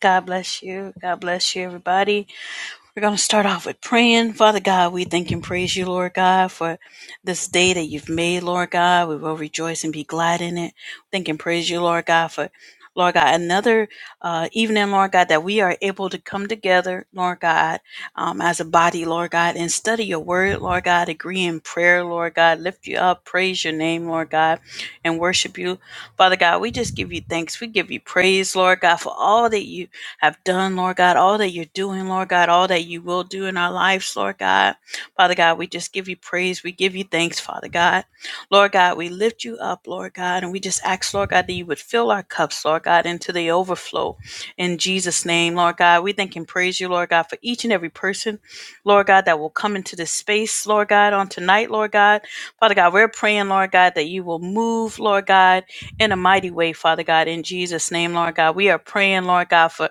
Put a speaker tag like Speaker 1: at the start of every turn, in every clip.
Speaker 1: God bless you. God bless you, everybody. We're going to start off with praying. Father God, we thank and praise you, Lord God, for this day that you've made, Lord God. We will rejoice and be glad in it. Thank and praise you, Lord God, for, Lord God, another uh, evening, Lord God, that we are able to come together, Lord God, um, as a body, Lord God, and study your word, Lord God, agree in prayer, Lord God, lift you up, praise your name, Lord God, and worship you. Father God, we just give you thanks. We give you praise, Lord God, for all that you have done, Lord God, all that you're doing, Lord God, all that you will do in our lives, Lord God. Father God, we just give you praise. We give you thanks, Father God. Lord God, we lift you up, Lord God, and we just ask, Lord God, that you would fill our cups, Lord God, into the overflow in Jesus' name, Lord God. We thank and praise you, Lord God, for each and every person, Lord God, that will come into this space, Lord God, on tonight, Lord God. Father God, we're praying, Lord God, that you will move, Lord God, in a mighty way, Father God, in Jesus' name, Lord God. We are praying, Lord God, for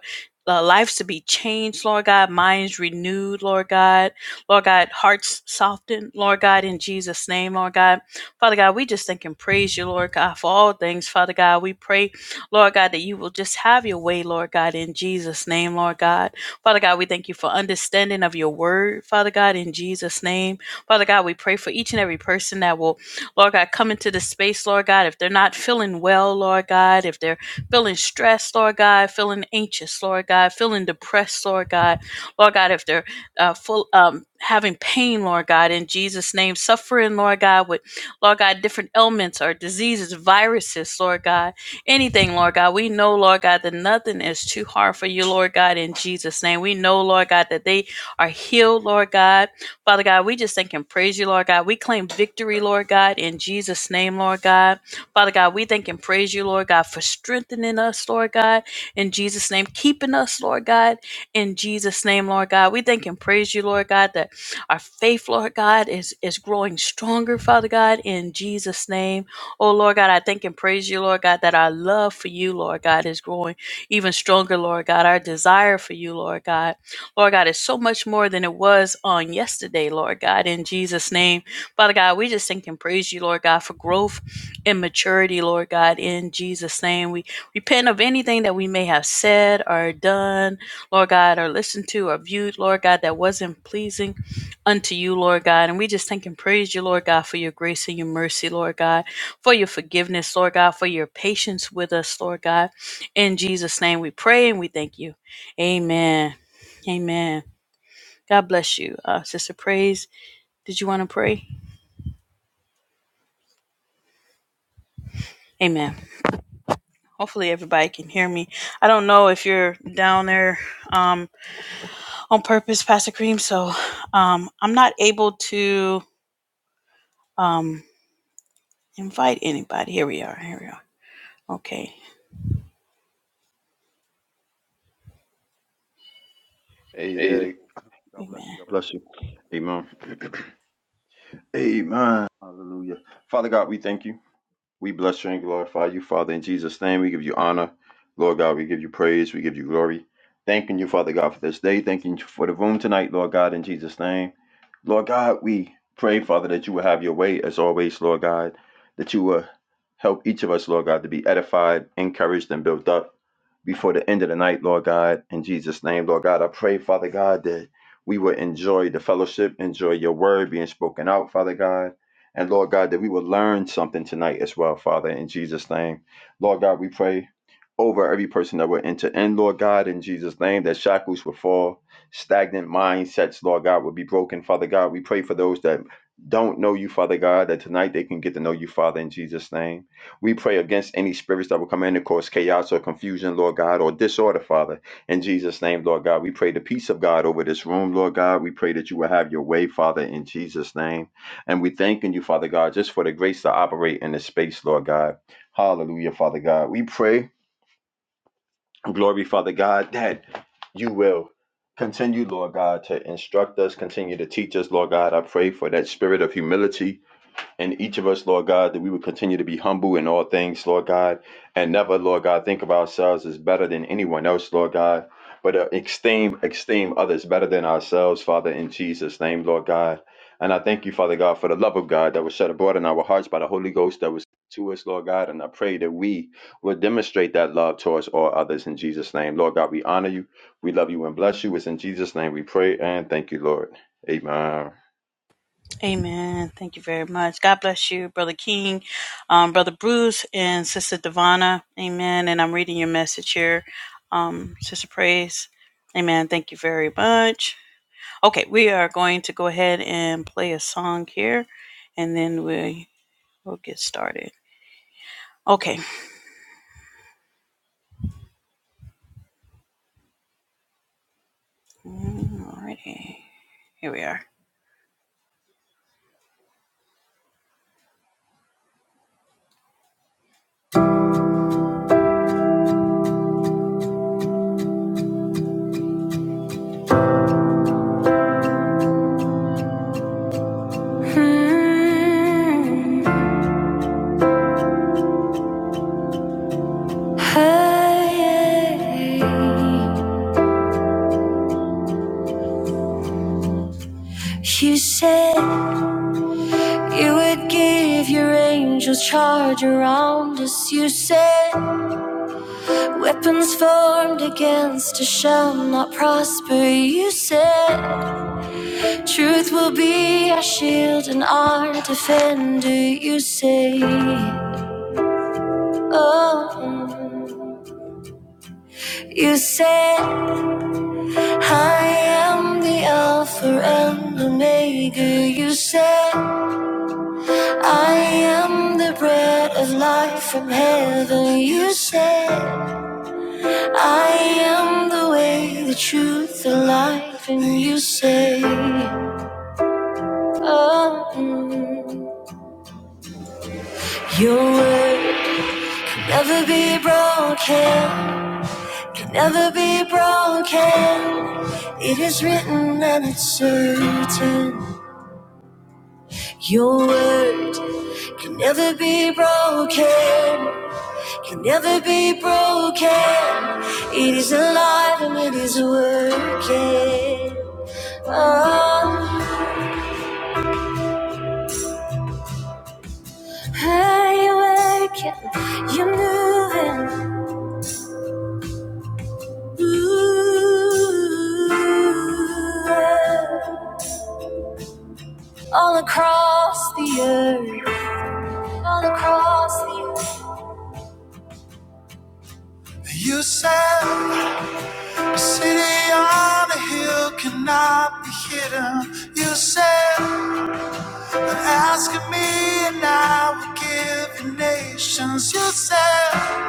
Speaker 1: uh, lives to be changed, Lord God, minds renewed, Lord God, Lord God, hearts softened, Lord God, in Jesus' name, Lord God. Father God, we just thank and praise you, Lord God, for all things, Father God. We pray, Lord God, that you will just have your way, Lord God, in Jesus' name, Lord God. Father God, we thank you for understanding of your word, Father God, in Jesus' name. Father God, we pray for each and every person that will, Lord God, come into this space, Lord God, if they're not feeling well, Lord God, if they're feeling stressed, Lord God, feeling anxious, Lord God, feeling depressed, Lord God, Lord God, if they're uh, full, um, having pain, Lord God, in Jesus' name, suffering, Lord God, with, Lord God, different ailments or diseases, viruses, Lord God, anything, Lord God. We know, Lord God, that nothing is too hard for you, Lord God, in Jesus' name. We know, Lord God, that they are healed, Lord God. Father God, we just thank and praise you, Lord God. We claim victory, Lord God, in Jesus' name, Lord God. Father God, we thank and praise you, Lord God, for strengthening us, Lord God, in Jesus' name, keeping us, Lord God, in Jesus' name, Lord God. We thank and praise you, Lord God, that our faith, Lord God, is, is growing stronger, Father God, in Jesus' name. Oh, Lord God, I thank and praise you, Lord God, that our love for you, Lord God, is growing even stronger, Lord God. Our desire for you, Lord God, Lord God, is so much more than it was on yesterday, Lord God, in Jesus' name. Father God, we just thank and praise you, Lord God, for growth immaturity, Lord God, in Jesus' name. We repent of anything that we may have said or done, Lord God, or listened to or viewed, Lord God, that wasn't pleasing unto you, Lord God. And we just thank and praise you, Lord God, for your grace and your mercy, Lord God, for your forgiveness, Lord God, for your patience with us, Lord God. In Jesus' name we pray and we thank you. Amen. Amen. God bless you. Uh, Sister Praise, did you want to pray? Amen. Hopefully everybody can hear me. I don't know if you're down there um, on purpose, Pastor Cream. So um, I'm not able to um, invite anybody. Here we are. Here we are. Okay.
Speaker 2: Hey, there.
Speaker 1: Amen.
Speaker 2: God bless you.
Speaker 1: Amen.
Speaker 2: God bless you. Amen. Amen. Hallelujah. Father God, we thank you. We bless you and glorify you, Father, in Jesus' name. We give you honor. Lord God, we give you praise. We give you glory. Thanking you, Father God, for this day. Thanking you for the room tonight, Lord God, in Jesus' name. Lord God, we pray, Father, that you will have your way as always, Lord God, that you will help each of us, Lord God, to be edified, encouraged, and built up before the end of the night, Lord God, in Jesus' name, Lord God. I pray, Father God, that we will enjoy the fellowship, enjoy your word being spoken out, Father God. And Lord God, that we will learn something tonight as well, Father, in Jesus' name. Lord God, we pray over every person that will enter in, Lord God, in Jesus' name, that shackles will fall, stagnant mindsets, Lord God, will be broken, Father God. We pray for those that don't know you, Father God, that tonight they can get to know you, Father, in Jesus' name. We pray against any spirits that will come in and cause chaos or confusion, Lord God, or disorder, Father, in Jesus' name, Lord God. We pray the peace of God over this room, Lord God. We pray that you will have your way, Father, in Jesus' name. And we thanking you, Father God, just for the grace to operate in this space, Lord God. Hallelujah, Father God. We pray, glory, Father God, that you will continue, Lord God, to instruct us, continue to teach us, Lord God. I pray for that spirit of humility and each of us, Lord God, that we would continue to be humble in all things, Lord God, and never, Lord God, think of ourselves as better than anyone else, Lord God, but uh, esteem esteem others better than ourselves, Father, in Jesus' name, Lord God. And I thank you, Father God, for the love of God that was shed abroad in our hearts by the Holy Ghost that was to us, Lord God. And I pray that we will demonstrate that love towards all others in Jesus' name. Lord God, we honor you. We love you and bless you. It's in Jesus' name we pray and thank you, Lord. Amen.
Speaker 1: Amen. Thank you very much. God bless you, Brother King, um, Brother Bruce, and Sister Devana. Amen. And I'm reading your message here, um, Sister Praise. Amen. Thank you very much. Okay, we are going to go ahead and play a song here, and then we will get started. Okay. Mm, Alrighty. Here we are. Mm, hey. You said you would give your angels charge around us. You said weapons formed against us shall not prosper. You said. Truth will be our shield and our defender, you say. Oh, you said, I am the Alpha and Omega. You said, I am the bread of life from heaven. You said, I am the way, the truth, the life. And you say, Oh, your word will never be broken. can never be broken. It is written and it's certain. Your word can never be broken. Can never be broken. It is alive and it is working. Oh, you're working. You're moving. Ooh, all across the earth. All across the earth. You said the city on the hill cannot be hidden. You said that asking me and I will give you nations. You said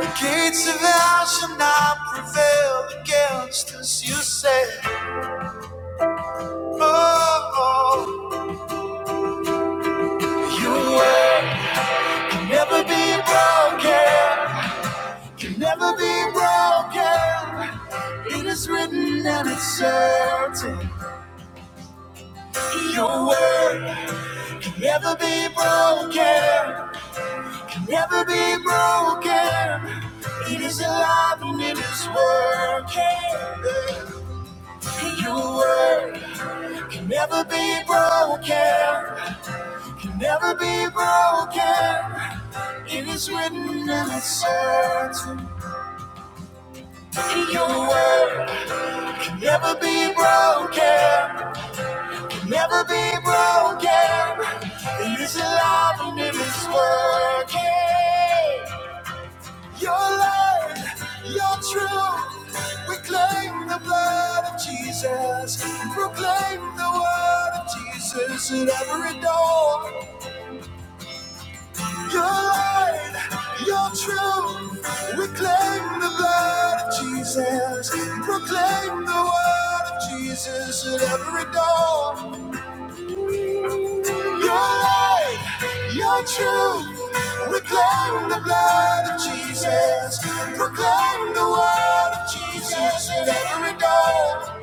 Speaker 1: the gates of hell shall not prevail against us. You said, oh, oh your word can never be broken. Can never be broken. It is written and it's certain. Your word Can never be broken, can never be broken. It is alive and it is working. Your word can never be broken, can never be broken. It is written and it's certain. Your word can never be broken, can never be broken. It is alive and it is working. Your light, your truth. We claim the blood of Jesus. Proclaim the word of Jesus at every door. Your light, your truth. We claim the blood of Jesus. Proclaim the word of Jesus at every door. Your light, your truth. we claim the blood of Jesus. Proclaim the word of Jesus in every door.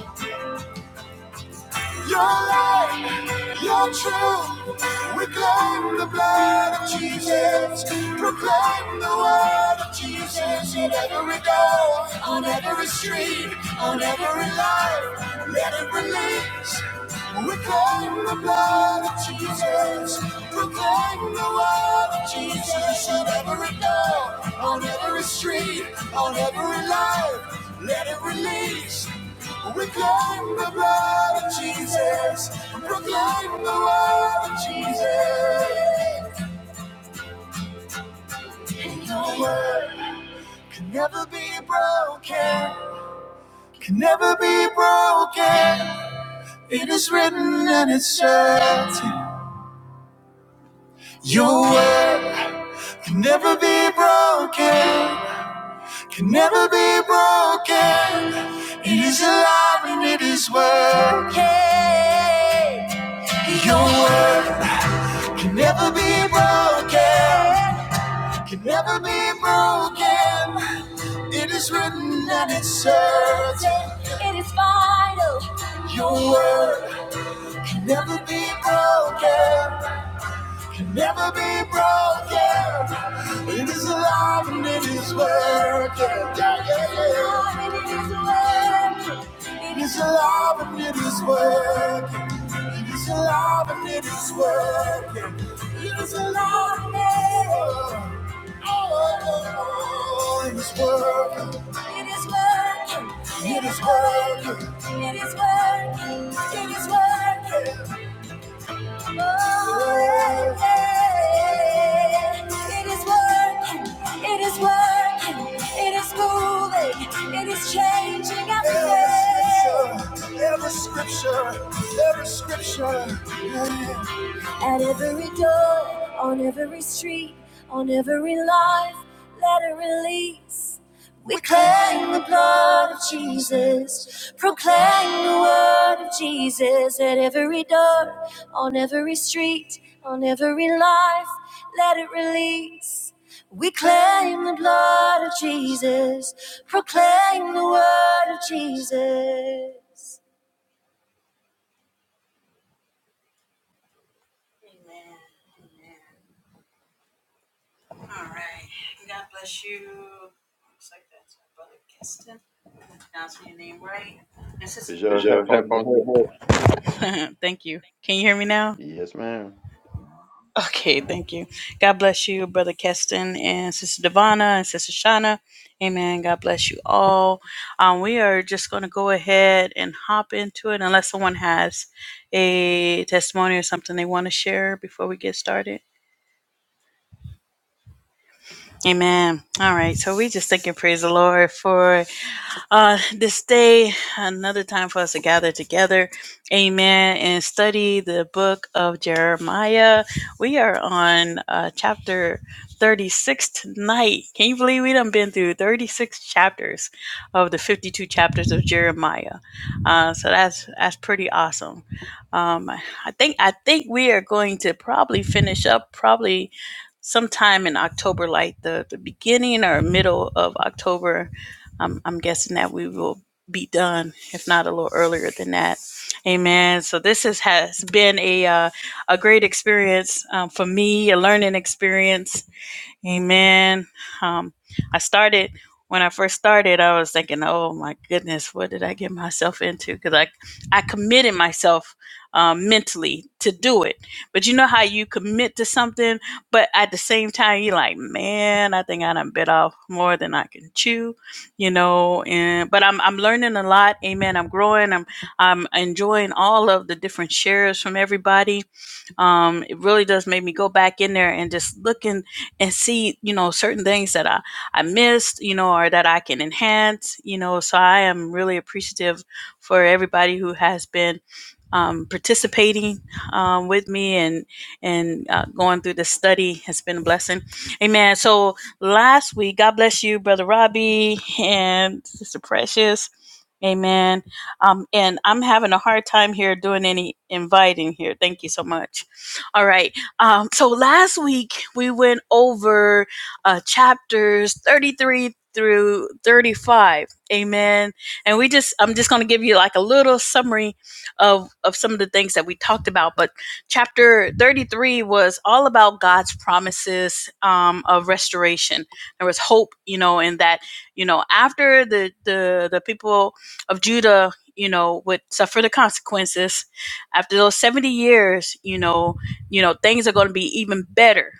Speaker 1: Your light, your truth. we claim the blood of Jesus. Proclaim the word of Jesus in every door. On every street, on every life. Let it release. Reclaim the blood of Jesus. Proclaim the word of Jesus on every door, on every street, on every life. Let it release. Reclaim the blood of Jesus. Proclaim the word of Jesus. The word can never be broken. Can never be broken. It is written and it's certain. Your word Can never be broken, can never be broken. It is alive and it is working. Your word can never be broken, can never be broken. It is written and it's certain, it is final. Your word can never be broken. can never be broken. It is alive and it is working. Yeah, yeah, yeah. It is alive and it is working. It is alive and it is working. It is alive and oh, it is working. It is working. It is working. It is working. It is working. It is working. It is working. It is moving. It is changing every day. Every scripture. Every scripture. Every scripture. Yeah. At every door, on every street, on every life, let it release. We claim the blood of Jesus, proclaim the word of Jesus at every door, on every street, on every life, let it release. We claim the blood of Jesus, proclaim the word of Jesus. Amen. Amen. All right. God bless you. Looks like that's my brother Keston. Pronouncing your name right. And Sister Is
Speaker 2: Is
Speaker 1: Divine.
Speaker 2: your
Speaker 1: your
Speaker 2: headphones in
Speaker 1: headphones
Speaker 2: your
Speaker 1: your head? thank you. Can you hear me now?
Speaker 2: head? Yes, ma'am.
Speaker 1: Okay, thank you. God bless you, Brother Keston and Sister Devana and Sister Shauna. Amen. God bless you all. Um, we are just going to go ahead and hop into it unless someone has a testimony or something they want to share before we get started. Amen. All right. So we just thank and praise the Lord for uh, this day, another time for us to gather together, amen, and study the book of Jeremiah. We are on uh, chapter 36 tonight. Can you believe we done been through 36 chapters of the 52 chapters of Jeremiah? Uh, so that's that's pretty awesome. Um, I think I think we are going to probably finish up probably sometime in October, like the, the beginning or middle of October I'm, I'm guessing that we will be done, if not a little earlier than that. Amen. So this is, has been a uh, a great experience um, for me, a learning experience Amen. Um, I started when I first started. I was thinking, "Oh my goodness, what did I get myself into?" Because I, I committed myself um, mentally to do it. But you know how you commit to something, but at the same time, you're like, "Man, I think I done bit off more than I can chew," you know. And but I'm, I'm learning a lot. Amen. I'm growing. I'm, I'm enjoying all of the different shares from everybody um, it really does make me go back in there and just look in and see, you know, certain things that I, I missed, you know, or that I can enhance, you know. So I am really appreciative for everybody who has been um, participating um, with me and and uh, going through the study has been a blessing. Amen. So last week, God bless you, Brother Robbie and Sister Precious. Amen. Um, and I'm having a hard time here doing any inviting here. Thank you so much. All right. Um, so last week we went over uh, chapters 33 through 35. Amen. And we just, I'm just going to give you like a little summary of, of some of the things that we talked about. But chapter 33 was all about God's promises um, of restoration. There was hope, you know, in that, you know, after the, the, the people of Judah, you know, would suffer the consequences after those 70 years, you know, you know things are going to be even better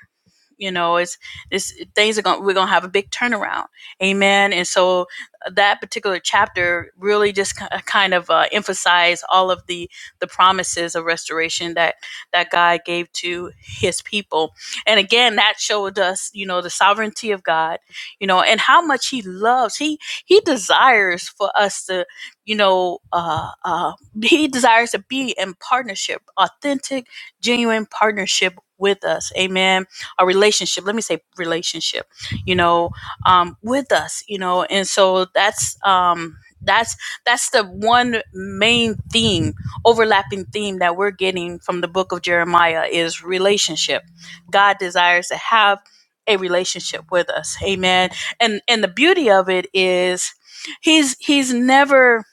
Speaker 1: you know it's it's things are going we're going to have a big turnaround amen and so uh, that particular chapter really just kind of uh, emphasized all of the the promises of restoration that that god gave to his people and again that showed us you know the sovereignty of god you know and how much he loves he he desires for us to you know uh uh he desires to be in partnership authentic genuine partnership with us amen a relationship let me say relationship you know um with us you know and so that's um that's that's the one main theme overlapping theme that we're getting from the book of jeremiah is relationship god desires to have a relationship with us amen and and the beauty of it is he's he's never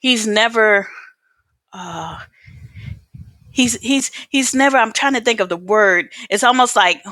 Speaker 1: he's never uh, He's he's he's never. I'm trying to think of the word. It's almost like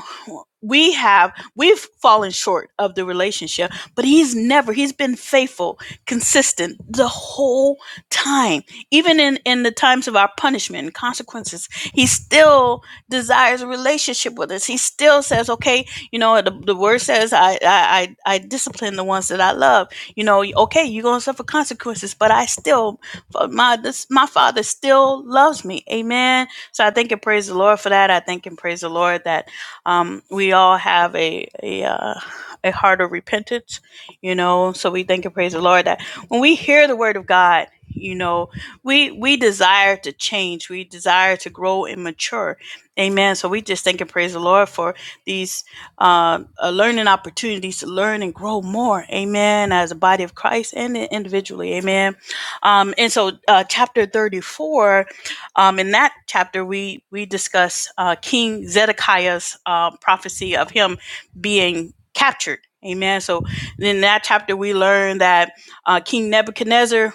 Speaker 1: we have we've fallen short of the relationship, but he's never. He's been faithful, consistent the whole time, even in in the times of our punishment and consequences. He still desires a relationship with us. He still says, "Okay, you know the, the word says, I, I I I discipline the ones that I love. You know, okay, you're gonna suffer consequences, but I still but my this my father still loves me. Amen. So I thank and praise the Lord for that. I thank and praise the Lord that um, we all have a a uh, a heart of repentance, you know. So we thank and praise the Lord that when we hear the word of God, you know, we we desire to change. We desire to grow and mature. Amen. So we just thank and praise the Lord for these uh, uh, learning opportunities to learn and grow more. Amen. As a body of Christ and individually. Amen. Um, and so, uh, chapter 34, um, in that chapter, we, we discuss uh, King Zedekiah's uh, prophecy of him being captured. Amen. So, in that chapter, we learn that uh, King Nebuchadnezzar.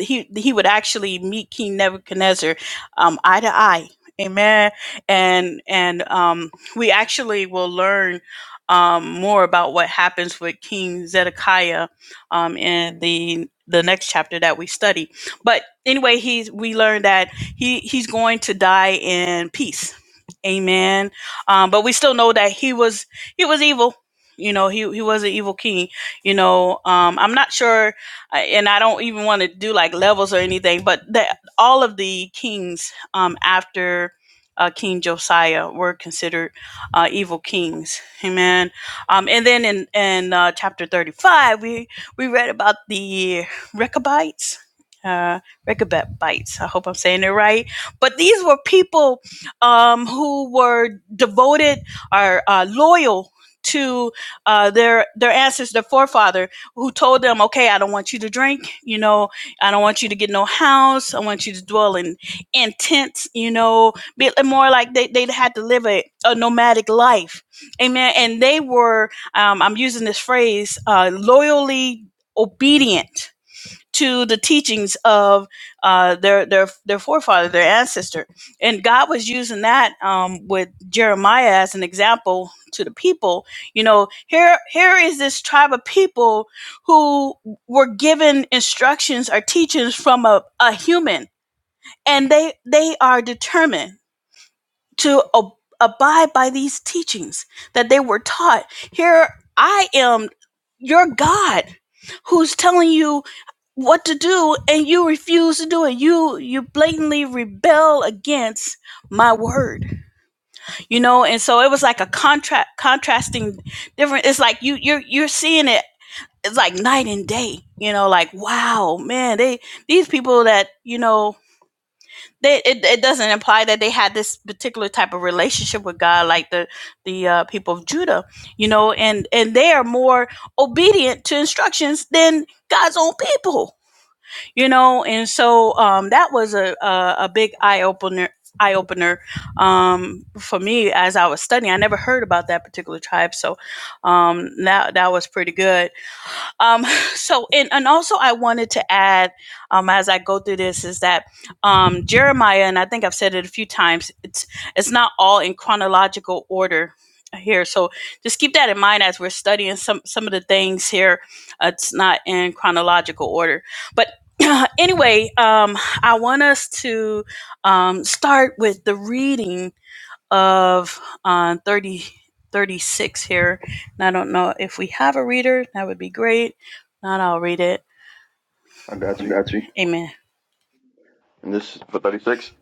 Speaker 1: He, he would actually meet King Nebuchadnezzar um, eye to eye. Amen. And and um, we actually will learn um, more about what happens with King Zedekiah um, in the the next chapter that we study. But anyway, he's we learned that he he's going to die in peace. Amen. Um, but we still know that he was he was evil. You know, he he was an evil king. You know, um, I'm not sure, uh, and I don't even want to do like levels or anything. But that all of the kings um, after uh, King Josiah were considered uh, evil kings. Amen. Um, and then in in uh, chapter 35, we we read about the Rechabites. Uh, Rechabites. I hope I'm saying it right. But these were people um, who were devoted or uh, loyal to uh, their their ancestors, their forefather, who told them, "Okay, I don't want you to drink. You know, I don't want you to get no house. I want you to dwell in in tents. You know, be more like they they had to live a, a nomadic life. Amen. And they were um, I'm using this phrase, uh, loyally obedient to the teachings of uh, their their their forefather, their ancestor, and God was using that um, with Jeremiah as an example to the people. You know, here here is this tribe of people who were given instructions or teachings from a, a human, and they they are determined to ab- abide by these teachings that they were taught. Here I am, your God, who's telling you what to do and you refuse to do it you you blatantly rebel against my word you know and so it was like a contract contrasting different it's like you you're you're seeing it it's like night and day you know like wow man they these people that you know they it, it doesn't imply that they had this particular type of relationship with God like the the uh, people of Judah, you know, and and they are more obedient to instructions than God's own people, you know, and so um, that was a a, a big eye opener eye opener um, for me as I was studying. I never heard about that particular tribe, so um, that that was pretty good. Um, so, and, and also I wanted to add, um, as I go through this is that, um, Jeremiah, and I think I've said it a few times, it's, it's not all in chronological order here. So just keep that in mind as we're studying some, some of the things here. Uh, It's not in chronological order, but anyway, um, I want us to, um, start with the reading of uh, 30 36 here. And I don't know if we have a reader. That would be great. If Not, I'll read it.
Speaker 2: I got
Speaker 1: I
Speaker 2: you.
Speaker 1: got you. Amen.
Speaker 2: And this is for 36?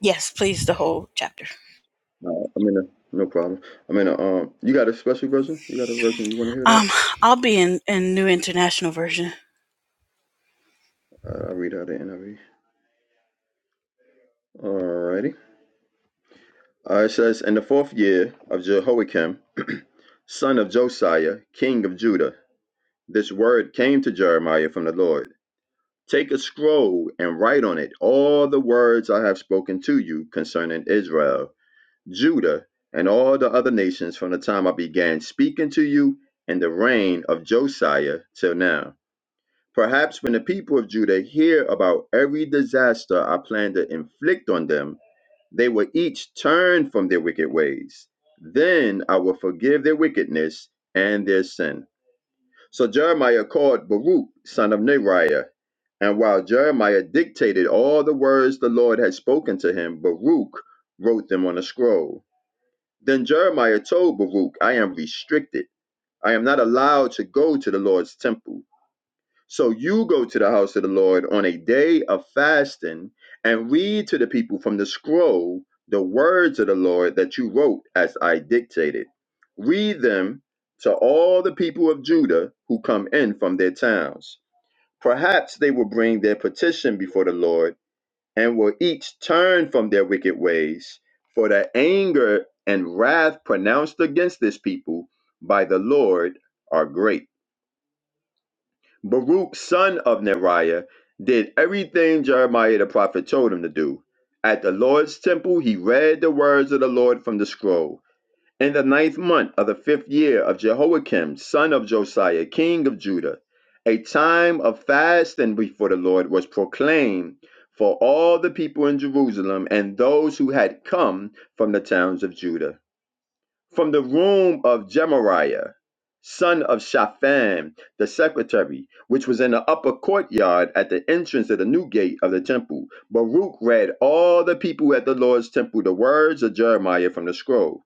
Speaker 1: Yes, please, the whole chapter.
Speaker 2: No, I mean, uh, no problem. I mean, uh, um, you got a special version? You got a version you want to hear it out?
Speaker 1: Um, I'll be in, in New International Version.
Speaker 2: Uh, I'll read out the NIV. Alrighty. Uh, it says, In the fourth year of Jehoiakim, son of Josiah, king of Judah, this word came to Jeremiah from the Lord. Take a scroll and write on it all the words I have spoken to you concerning Israel, Judah, and all the other nations from the time I began speaking to you in the reign of Josiah till now Perhaps when the people of Judah hear about every disaster I plan to inflict on them, they will each turn from their wicked ways. Then I will forgive their wickedness and their sin. So Jeremiah called Baruch, son of Neriah. And while Jeremiah dictated all the words the Lord had spoken to him, Baruch wrote them on a scroll. Then Jeremiah told Baruch, I am restricted. I am not allowed to go to the Lord's temple. So you go to the house of the Lord on a day of fasting and read to the people from the scroll the words of the Lord that you wrote as I dictated. Read them to all the people of Judah who come in from their towns. Perhaps they will bring their petition before the Lord and will each turn from their wicked ways, for the anger and wrath pronounced against this people by the Lord are great. Baruch, son of Neriah, did everything Jeremiah the prophet told him to do. At the Lord's temple, he read the words of the Lord from the scroll. In the ninth month of the fifth year of Jehoiakim, son of Josiah, king of Judah, a time of fasting before the Lord was proclaimed for all the people in Jerusalem and those who had come from the towns of Judah. From the room of Jemariah, son of Shaphan, the secretary, which was in the upper courtyard at the entrance of the new gate of the temple, Baruch read all the people at the Lord's temple the words of Jeremiah from the scroll.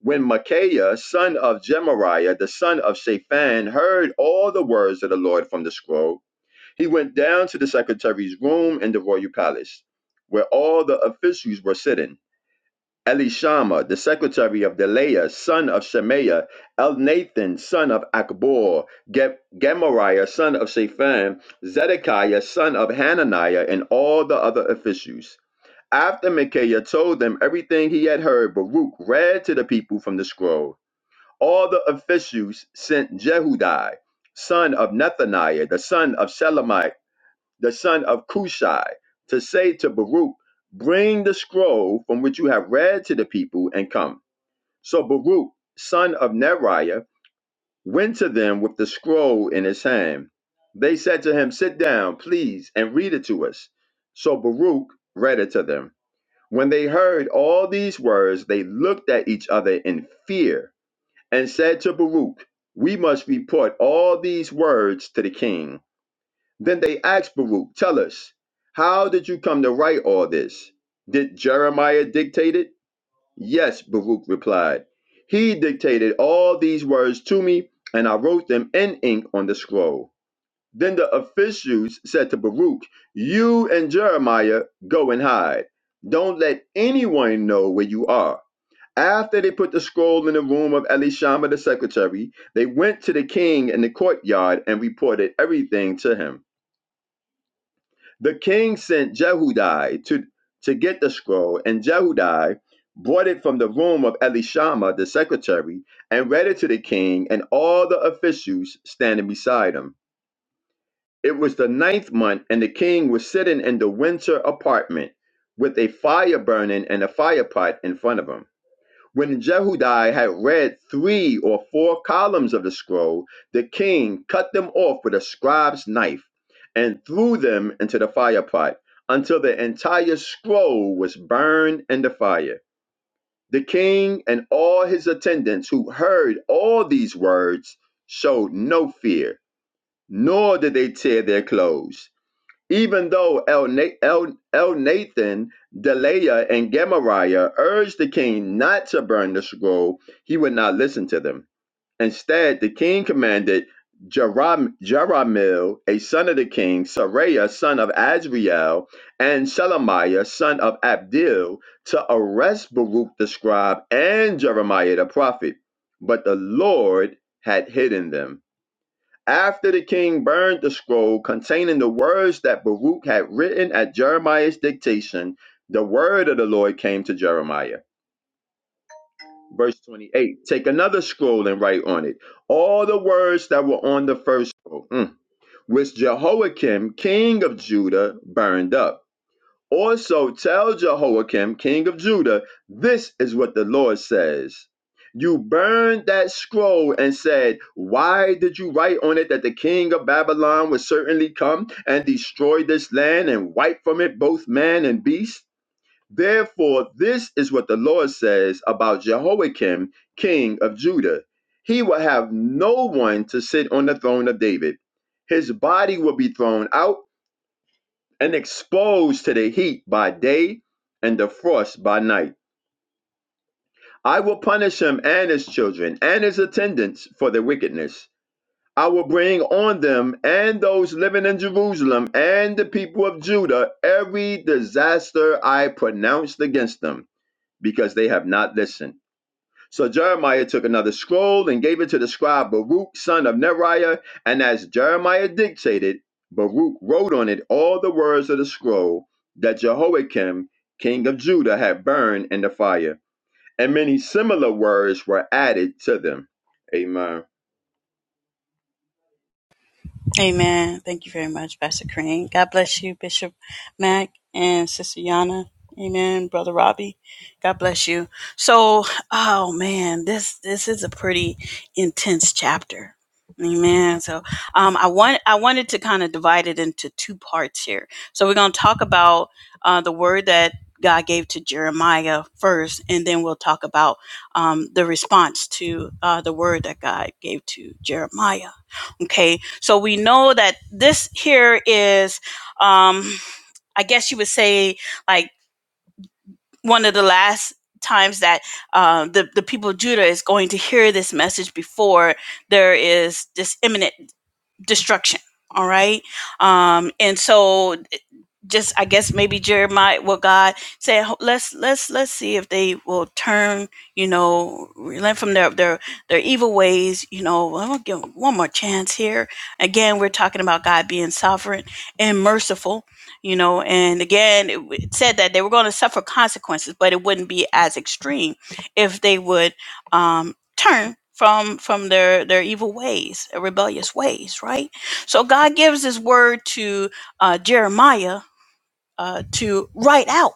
Speaker 2: When Micaiah, son of Jemariah, the son of Shaphan, heard all the words of the Lord from the scroll, he went down to the secretary's room in the royal palace, where all the officials were sitting. Elishama, the secretary of Deliah, son of Shemaiah, Elnathan, son of Akbor, Ge- Gemariah, son of Shaphan, Zedekiah, son of Hananiah, and all the other officials. After Micaiah told them everything he had heard, Baruch read to the people from the scroll. All the officials sent Jehudi, son of Nethaniah, the son of Shelemiah the son of Cushai, to say to Baruch, Bring the scroll from which you have read to the people and come. So Baruch, son of Neriah, went to them with the scroll in his hand. They said to him, Sit down, please, and read it to us. So Baruch read it to them. When they heard all these words, they looked at each other in fear and said to Baruch, We must report all these words to the king. Then they asked Baruch, Tell us, how did you come to write all this? Did Jeremiah dictate it? Yes, Baruch replied. He dictated all these words to me, and I wrote them in ink on the scroll. Then the officials said to Baruch, You and Jeremiah go and hide. Don't let anyone know where you are. After they put the scroll in the room of Elishama the secretary, they went to the king in the courtyard and reported everything to him. The king sent Jehudi to, to get the scroll, and Jehudi brought it from the room of Elishama, the secretary, and read it to the king and all the officials standing beside him. It was the ninth month, and the king was sitting in the winter apartment with a fire burning and a fire pot in front of him. When Jehudi had read three or four columns of the scroll, the king cut them off with a scribe's knife and threw them into the firepot until the entire scroll was burned in the fire. The king and all his attendants who heard all these words showed no fear, nor did they tear their clothes. Even though El, Na- Nathan, Deliah, and Gemariah urged the king not to burn the scroll, he would not listen to them. Instead, the king commanded Jeram- Jeramil, a son of the king, Saraiah, son of Azriel, and Shelemiah, son of Abdil, to arrest Baruch the scribe and Jeremiah the prophet. But the Lord had hidden them. After the king burned the scroll containing the words that Baruch had written at Jeremiah's dictation, the word of the Lord came to Jeremiah. Verse 28 Take another scroll and write on it all the words that were on the first scroll, mm, which Jehoiakim, king of Judah, burned up. Also tell Jehoiakim, king of Judah, this is what the Lord says. You burned that scroll and said, Why did you write on it that the king of Babylon would certainly come and destroy this land and wipe from it both man and beast? Therefore, this is what the Lord says about Jehoiakim, king of Judah. He will have no one to sit on the throne of David. His body will be thrown out and exposed to the heat by day and the frost by night. I will punish him and his children and his attendants for their wickedness. I will bring on them and those living in Jerusalem and the people of Judah every disaster I pronounced against them because they have not listened. So Jeremiah took another scroll and gave it to the scribe Baruch, son of Neriah. And as Jeremiah dictated, Baruch wrote on it all the words of the scroll that Jehoiakim, king of Judah, had burned in the fire. And many similar words were added to them. Amen.
Speaker 1: Amen. Thank you very much, Pastor Crane. God bless you, Bishop Mack and Sister Yana. Amen, Brother Robbie. God bless you. So, oh man, this this is a pretty intense chapter. Amen. So, um, I want I wanted to kind of divide it into two parts here. So we're going to talk about uh, the word that God gave to Jeremiah first, and then we'll talk about um, the response to uh, the word that God gave to Jeremiah. Okay, so we know that this here is, um, I guess you would say, like one of the last times that uh, the the people of Judah is going to hear this message before there is this imminent destruction. All right. Um, and so just I guess maybe Jeremiah what God said "Ho- let's let's let's see if they will turn, you know, relent from their their their evil ways, you know, well, I'm gonna give them one more chance here. Again, we're talking about God being sovereign and merciful, you know, and again it, w- it said that they were gonna suffer consequences, but it wouldn't be as extreme if they would um, turn from from their their evil ways their rebellious ways right so god gives his word to uh, jeremiah uh, to write out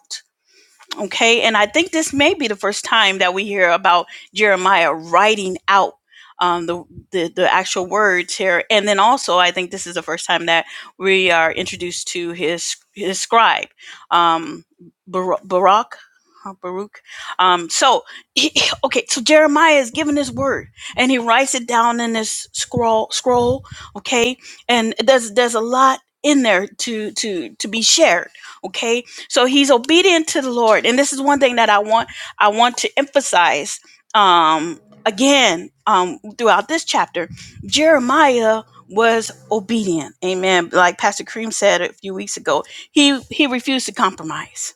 Speaker 1: Okay. And I think this may be the first time that we hear about Jeremiah writing out um, the, the, the actual words here. And then also, I think this is the first time that we are introduced to his, his scribe, um, Bar- Barak. uh, Baruch. Um, so, he, okay, so Jeremiah is given his word and he writes it down in this scroll, scroll, okay? And there's, there's a lot in there to, to, to be shared, okay? So he's obedient to the Lord. And this is one thing that I want I want to emphasize um again um throughout this chapter. Jeremiah was obedient. Amen. Like Pastor Cream said a few weeks ago, he he refused to compromise.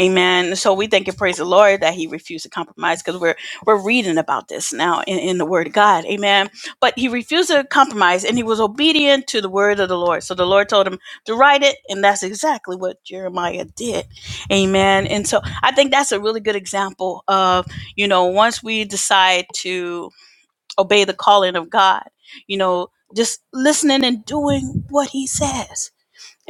Speaker 1: Amen. So we thank and praise the Lord that He refused to compromise because we're we're reading about this now in, in the Word of God. Amen. But He refused to compromise and He was obedient to the Word of the Lord. So the Lord told him to write it, and that's exactly what Jeremiah did. Amen. And so I think that's a really good example of you know once we decide to obey the calling of God, you know, just listening and doing what He says.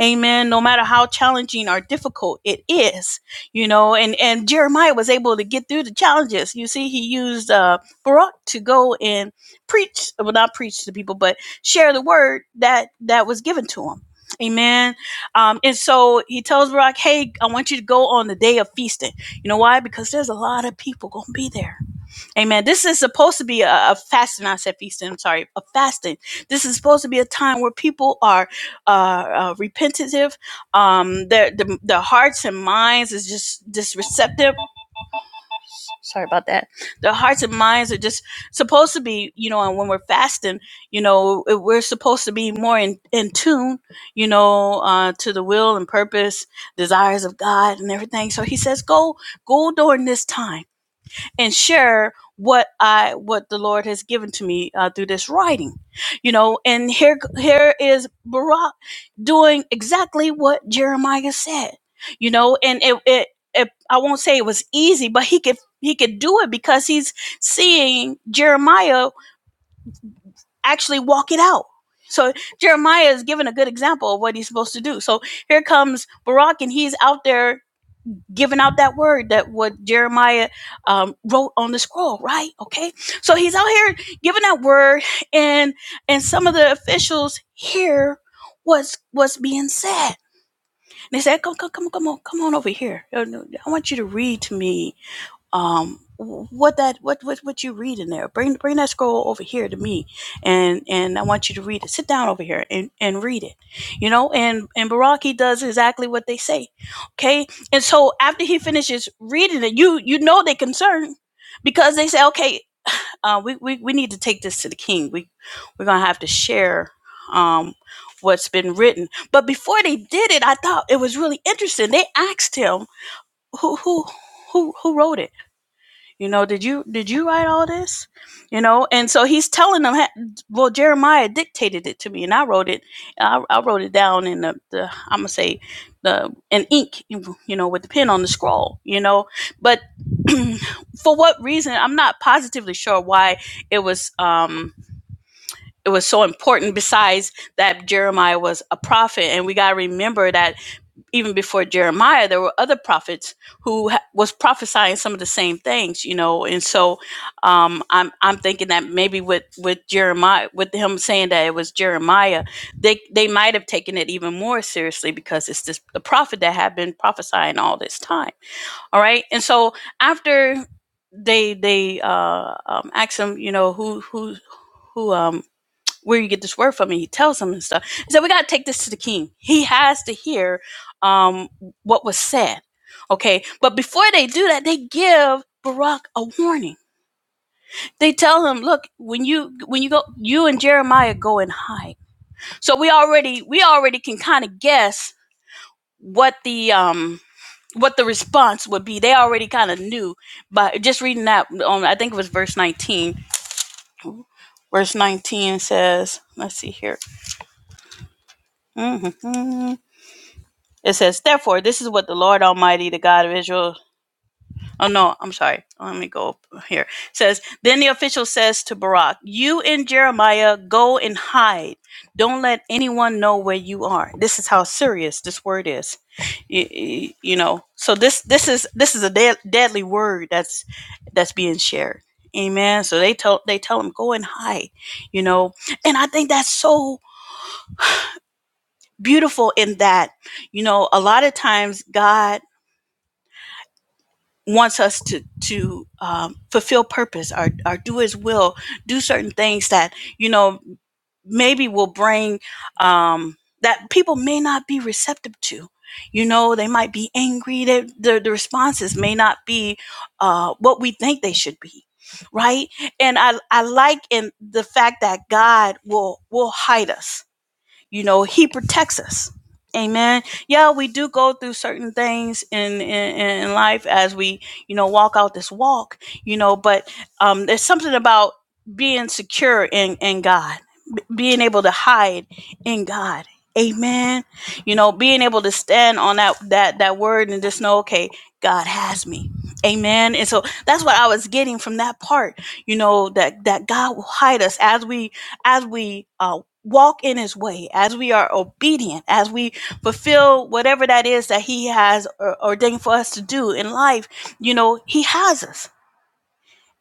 Speaker 1: Amen. No matter how challenging or difficult it is, you know, and, and Jeremiah was able to get through the challenges. You see, he used uh, Barak to go and preach, well, not preach to people, but share the word that that was given to him. Amen. Um, and so he tells Barak, hey, I want you to go on the day of feasting. You know why? Because there's a lot of people going to be there Amen. This is supposed to be a, a fasting. I said feasting. I'm sorry, a fasting. This is supposed to be a time where people are uh, uh, repentative. Um, their, the, their hearts and minds is just just receptive. Sorry about that. Their hearts and minds are just supposed to be, you know. And when we're fasting, you know, we're supposed to be more in, in tune, you know, uh, to the will and purpose, desires of God, and everything. So He says, go, go during this time and share what I what the Lord has given to me uh, through this writing, you know. And here here is Barak doing exactly what Jeremiah said, you know. And it it, it I won't say it was easy, but he could he could do it because he's seeing Jeremiah actually walk it out. So Jeremiah is given a good example of what he's supposed to do. So here comes Barak, and he's out there giving out that word that what Jeremiah um, wrote on the scroll, right? Okay, so he's out here giving that word, and and some of the officials hear what's what's being said. And they said, "Come, come, come, come on, come on over here. Uh, I want you to read to me um what that what what what you read in there bring bring that scroll over here to me and and i want you to read it sit down over here and and read it you know and and baraki does exactly what they say okay and so after he finishes reading it you you know they concerned because they say okay uh we we, we need to take this to the king we we're gonna have to share um what's been written but before they did it i thought it was really interesting they asked him who who who who wrote it you know, did you did you write all this? You know, and so he's telling them. "Ha- Well, Jeremiah dictated it to me, and I wrote it. I, I wrote it down in the, the I'm gonna say the in ink. You know, with the pen on the scroll. You know, but for what reason? I'm not positively sure why it was um it was so important. Besides that, Jeremiah was a prophet, and we gotta remember that even before Jeremiah, there were other prophets who ha- was prophesying some of the same things, you know. And so, um, I'm I'm thinking that maybe with with Jeremiah, with him saying that it was Jeremiah, they they might have taken it even more seriously because it's this the prophet that had been prophesying all this time. All right, and so after they they uh, um, asked him, you know, who who who um where you get this word from and he tells him and stuff he said we got to take this to the king he has to hear um, what was said okay but before they do that they give barak a warning they tell him look when you when you go you and jeremiah go and hide so we already we already can kind of guess what the um what the response would be they already kind of knew but just reading that on i think it was verse 19 verse 19 says let's see here Mm-hmm. It says, Therefore, this is what the Lord Almighty, the God of Israel. Oh, no, I'm sorry. Let me go here. It says, Then the official says to Barak, You and Jeremiah go and hide. Don't let anyone know where you are. This is how serious this word is. You, you you know, so this this is this is a dead, deadly word that's that's being shared. Amen. So they tell they tell him go and hide, you know. And I think that's so beautiful in that, you know, a lot of times God wants us to to um, fulfill purpose or, or do his will do certain things that you know maybe will bring um, that people may not be receptive to you know they might be angry they, the, the responses may not be uh, what we think they should be right and i i like in the fact that god will will hide us you know he protects us amen yeah we do go through certain things in in, in life as we you know walk out this walk you know but um there's something about being secure in in god being able to hide in God. Amen. You know, being able to stand on that that that word and just know, okay, God has me. Amen. And so that's what I was getting from that part. You know that that God will hide us as we as we uh, walk in His way, as we are obedient, as we fulfill whatever that is that He has or, ordained for us to do in life. You know, He has us.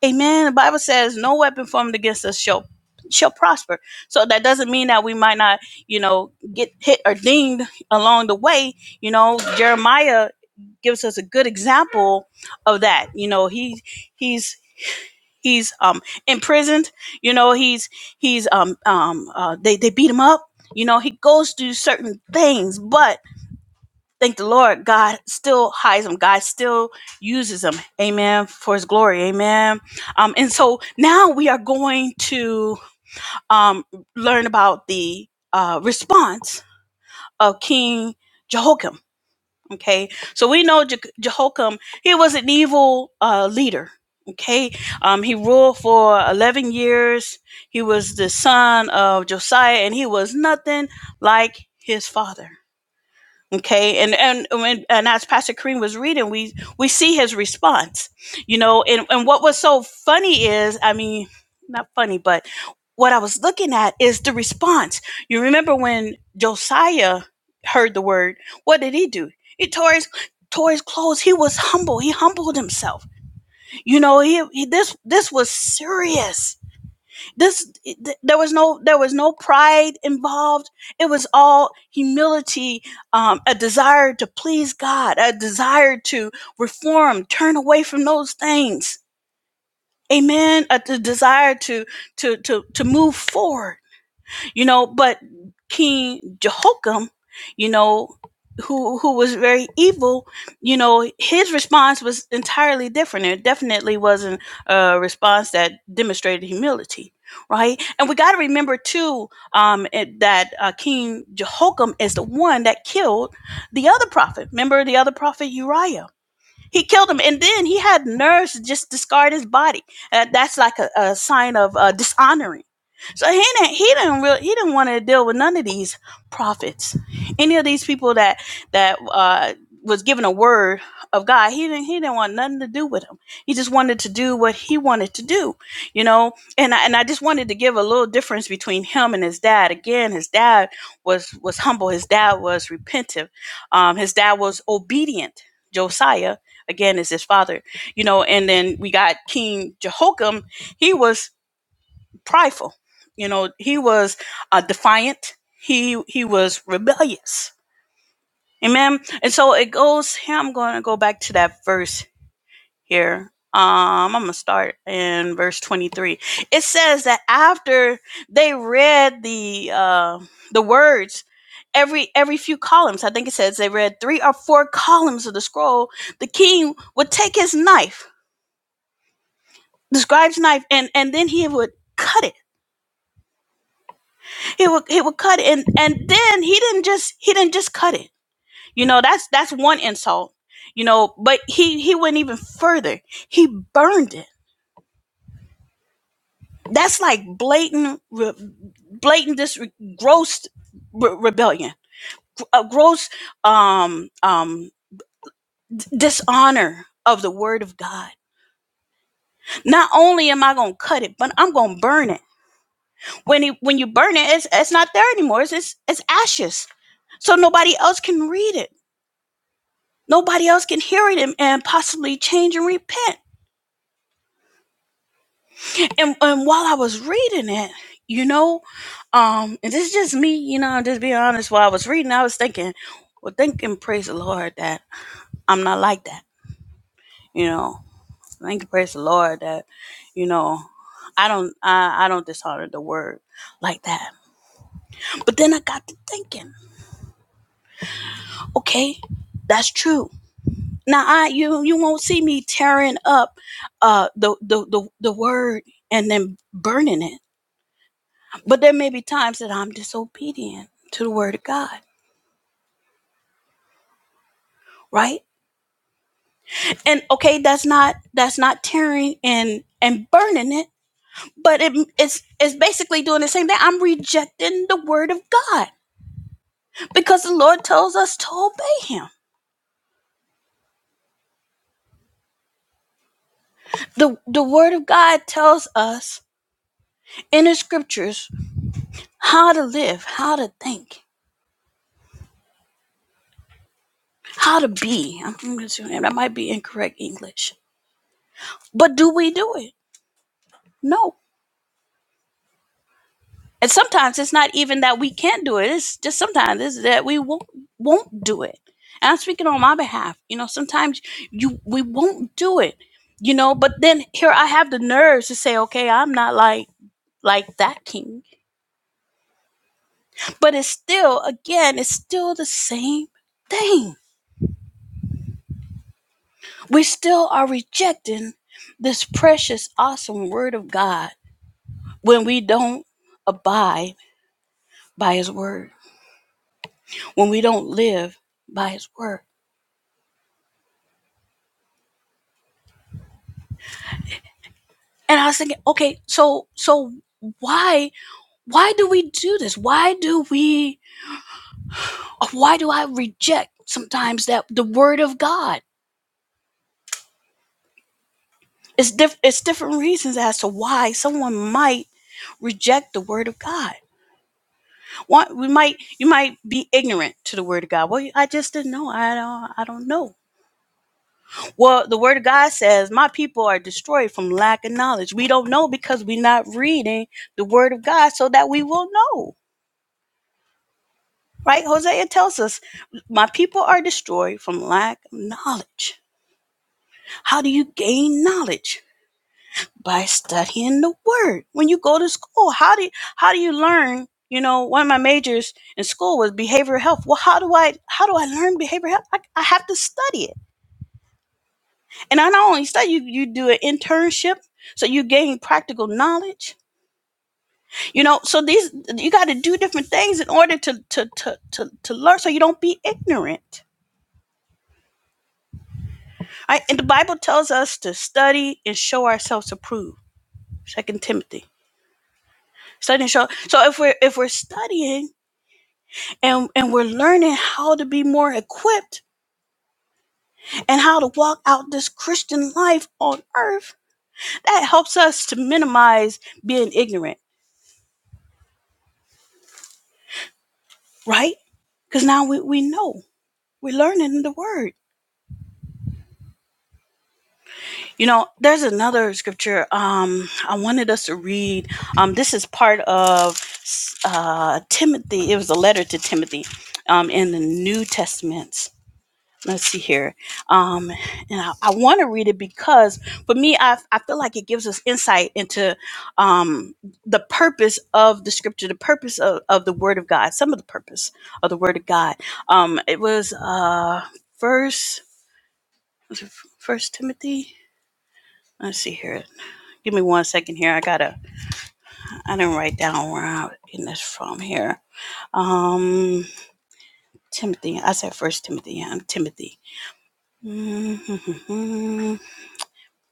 Speaker 1: Amen. The Bible says no weapon formed against us shall shall prosper. So that doesn't mean that we might not, you know, get hit or dinged along the way. You know, Jeremiah gives us a good example of that. You know, he he's he's um imprisoned, you know, he's he's um um uh, they they beat him up. You know, he goes through certain things, but Thank the Lord. God still hides him. God still uses him. Amen. For his glory. Amen. Um, and so now we are going to um, learn about the uh, response of King Jehoiakim. Okay. So we know Je- Jehoiakim, he was an evil uh, leader. Okay. Um, he ruled for 11 years. He was the son of Josiah and he was nothing like his father. Okay, and and when and as Pastor Kareem was reading, we we see his response. You know, and and what was so funny is, I mean, not funny, but what I was looking at is the response. You remember when Josiah heard the word? What did he do? He tore his tore his clothes. He was humble. He humbled himself. You know, he, he this this was serious this th- there was no there was no pride involved it was all humility um, a desire to please god a desire to reform turn away from those things amen A a desire to to to to move forward you know but king jehoiakim you know who who was very evil you know his response was entirely different it definitely wasn't a response that demonstrated humility right and we got to remember too um it- that uh, king jehoiakim is the one that killed the other prophet remember the other prophet uriah he killed him and then he had nerves to just discard his body uh, that's like a, a sign of uh, dishonoring so he didn't he didn't really he didn't want to deal with none of these prophets, any of these people that that uh, was given a word of God. He didn't he didn't want nothing to do with them. He just wanted to do what he wanted to do, you know. And I, and I just wanted to give a little difference between him and his dad. Again, his dad was was humble. His dad was repentant. Um, his dad was obedient. Josiah again is his father, you know. And then we got King Jehoiakim. He was prideful. You know, he was uh, defiant. He he was rebellious. Amen. And so it goes. I'm going to go back to that verse here. Um, I'm gonna start in verse 23. It says that after they read the uh, the words, every every few columns, I think it says they read three or four columns of the scroll. The king would take his knife, the scribe's knife, and and then he would cut it he would he would cut it and and then he didn't just he didn't just cut it you know that's that's one insult you know but he he went even further he burned it that's like blatant re- blatant this re- gross re- rebellion a gross um um dishonor of the word of god not only am i gonna cut it but i'm gonna burn it when he when you burn it it's, it's not there anymore it's it's, it's ashes so nobody else can read it Nobody else can hear it and, and possibly change and repent. And, and while I was reading it, you know, um, and this is just me, you know, I'm just being honest. While I was reading, I was thinking, well, thank and praise the Lord that I'm not like that, you know. Thank and praise the Lord that, you know, I don't, I, I don't dishonor the word like that. But then I got to thinking, okay, that's true Now I you you won't see me tearing up uh the the the, the word and then burning it. But there may be times that I'm disobedient to the word of God, right? And okay, that's not that's not tearing and and burning it, but it, it's it's basically doing the same thing. I'm rejecting the word of God because the Lord tells us to obey Him. the The word of God tells us in the scriptures how to live, how to think. How to be. I'm gonna assume that might be incorrect English. But do we do it? No. And sometimes it's not even that we can't do it. It's just sometimes it's that we won't won't do it. And I'm speaking on my behalf. You know, sometimes you we won't do it. You know, but then here I have the nerves to say, okay, I'm not like like that king. But it's still, again, it's still the same thing. We still are rejecting this precious, awesome word of God when we don't abide by his word, when we don't live by his word. And I was thinking, okay, so so why why do we do this? Why do we why do I reject sometimes that the word of God? It's diff- it's different reasons as to why someone might reject the word of God. Why we might you might be ignorant to the word of God. Well, I just didn't know. I don't I don't know Well, the word of God says, My people are destroyed from lack of knowledge. We don't know because we're not reading the word of God so that we will know. Right? Hosea tells us, My people are destroyed from lack of knowledge. How do you gain knowledge? By studying the word. When you go to school, how do you, how do you learn? You know, one of my majors in school was behavioral health. Well, how do I how do I learn behavioral health? I, I have to study it. And I not only say you you do an internship, so you gain practical knowledge. You know, so these you got to do different things in order to to to to, to learn, so you don't be ignorant. All Right? And the Bible tells us to study and show ourselves approved. Second Timothy, study and show. So if we're if we're studying and and we're learning how to be more equipped and how to walk out this Christian life on earth, that helps us to minimize being ignorant, right? Because now we, we know. We learn it in the word. You know, there's another scripture um I wanted us to read. Um this is part of uh Timothy. It was a letter to Timothy um in the New Testament. Let's see here. Um and I, I want to read it because for me I I feel like it gives us insight into um the purpose of the scripture, the purpose of, of the word of God, some of the purpose of the word of God. Um it was uh first was it first Timothy? Let's see here. Give me one second here. I gotta. I didn't write down where I'm getting this from here. Um, Timothy. I said First Timothy. Yeah, I'm Timothy. Mm-hmm.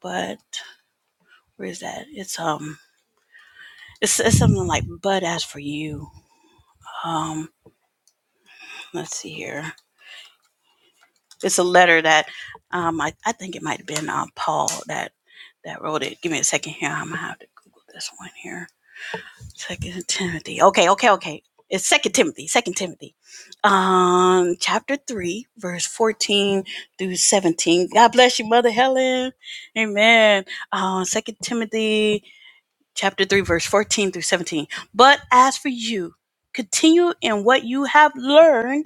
Speaker 1: But where is that? It's um. It's, it's something like but as for you. Um, let's see here. It's a letter that um I, I think it might have been uh, Paul that that wrote it. Give me a second here. I'm gonna have to Google this one here. Second Timothy. Okay, okay, okay. It's Second Timothy. Second Timothy, um, chapter three, verse fourteen through seventeen. God bless you, Mother Helen. Amen. Um, Second Timothy, chapter three, verse fourteen through seventeen. But as for you, continue in what you have learned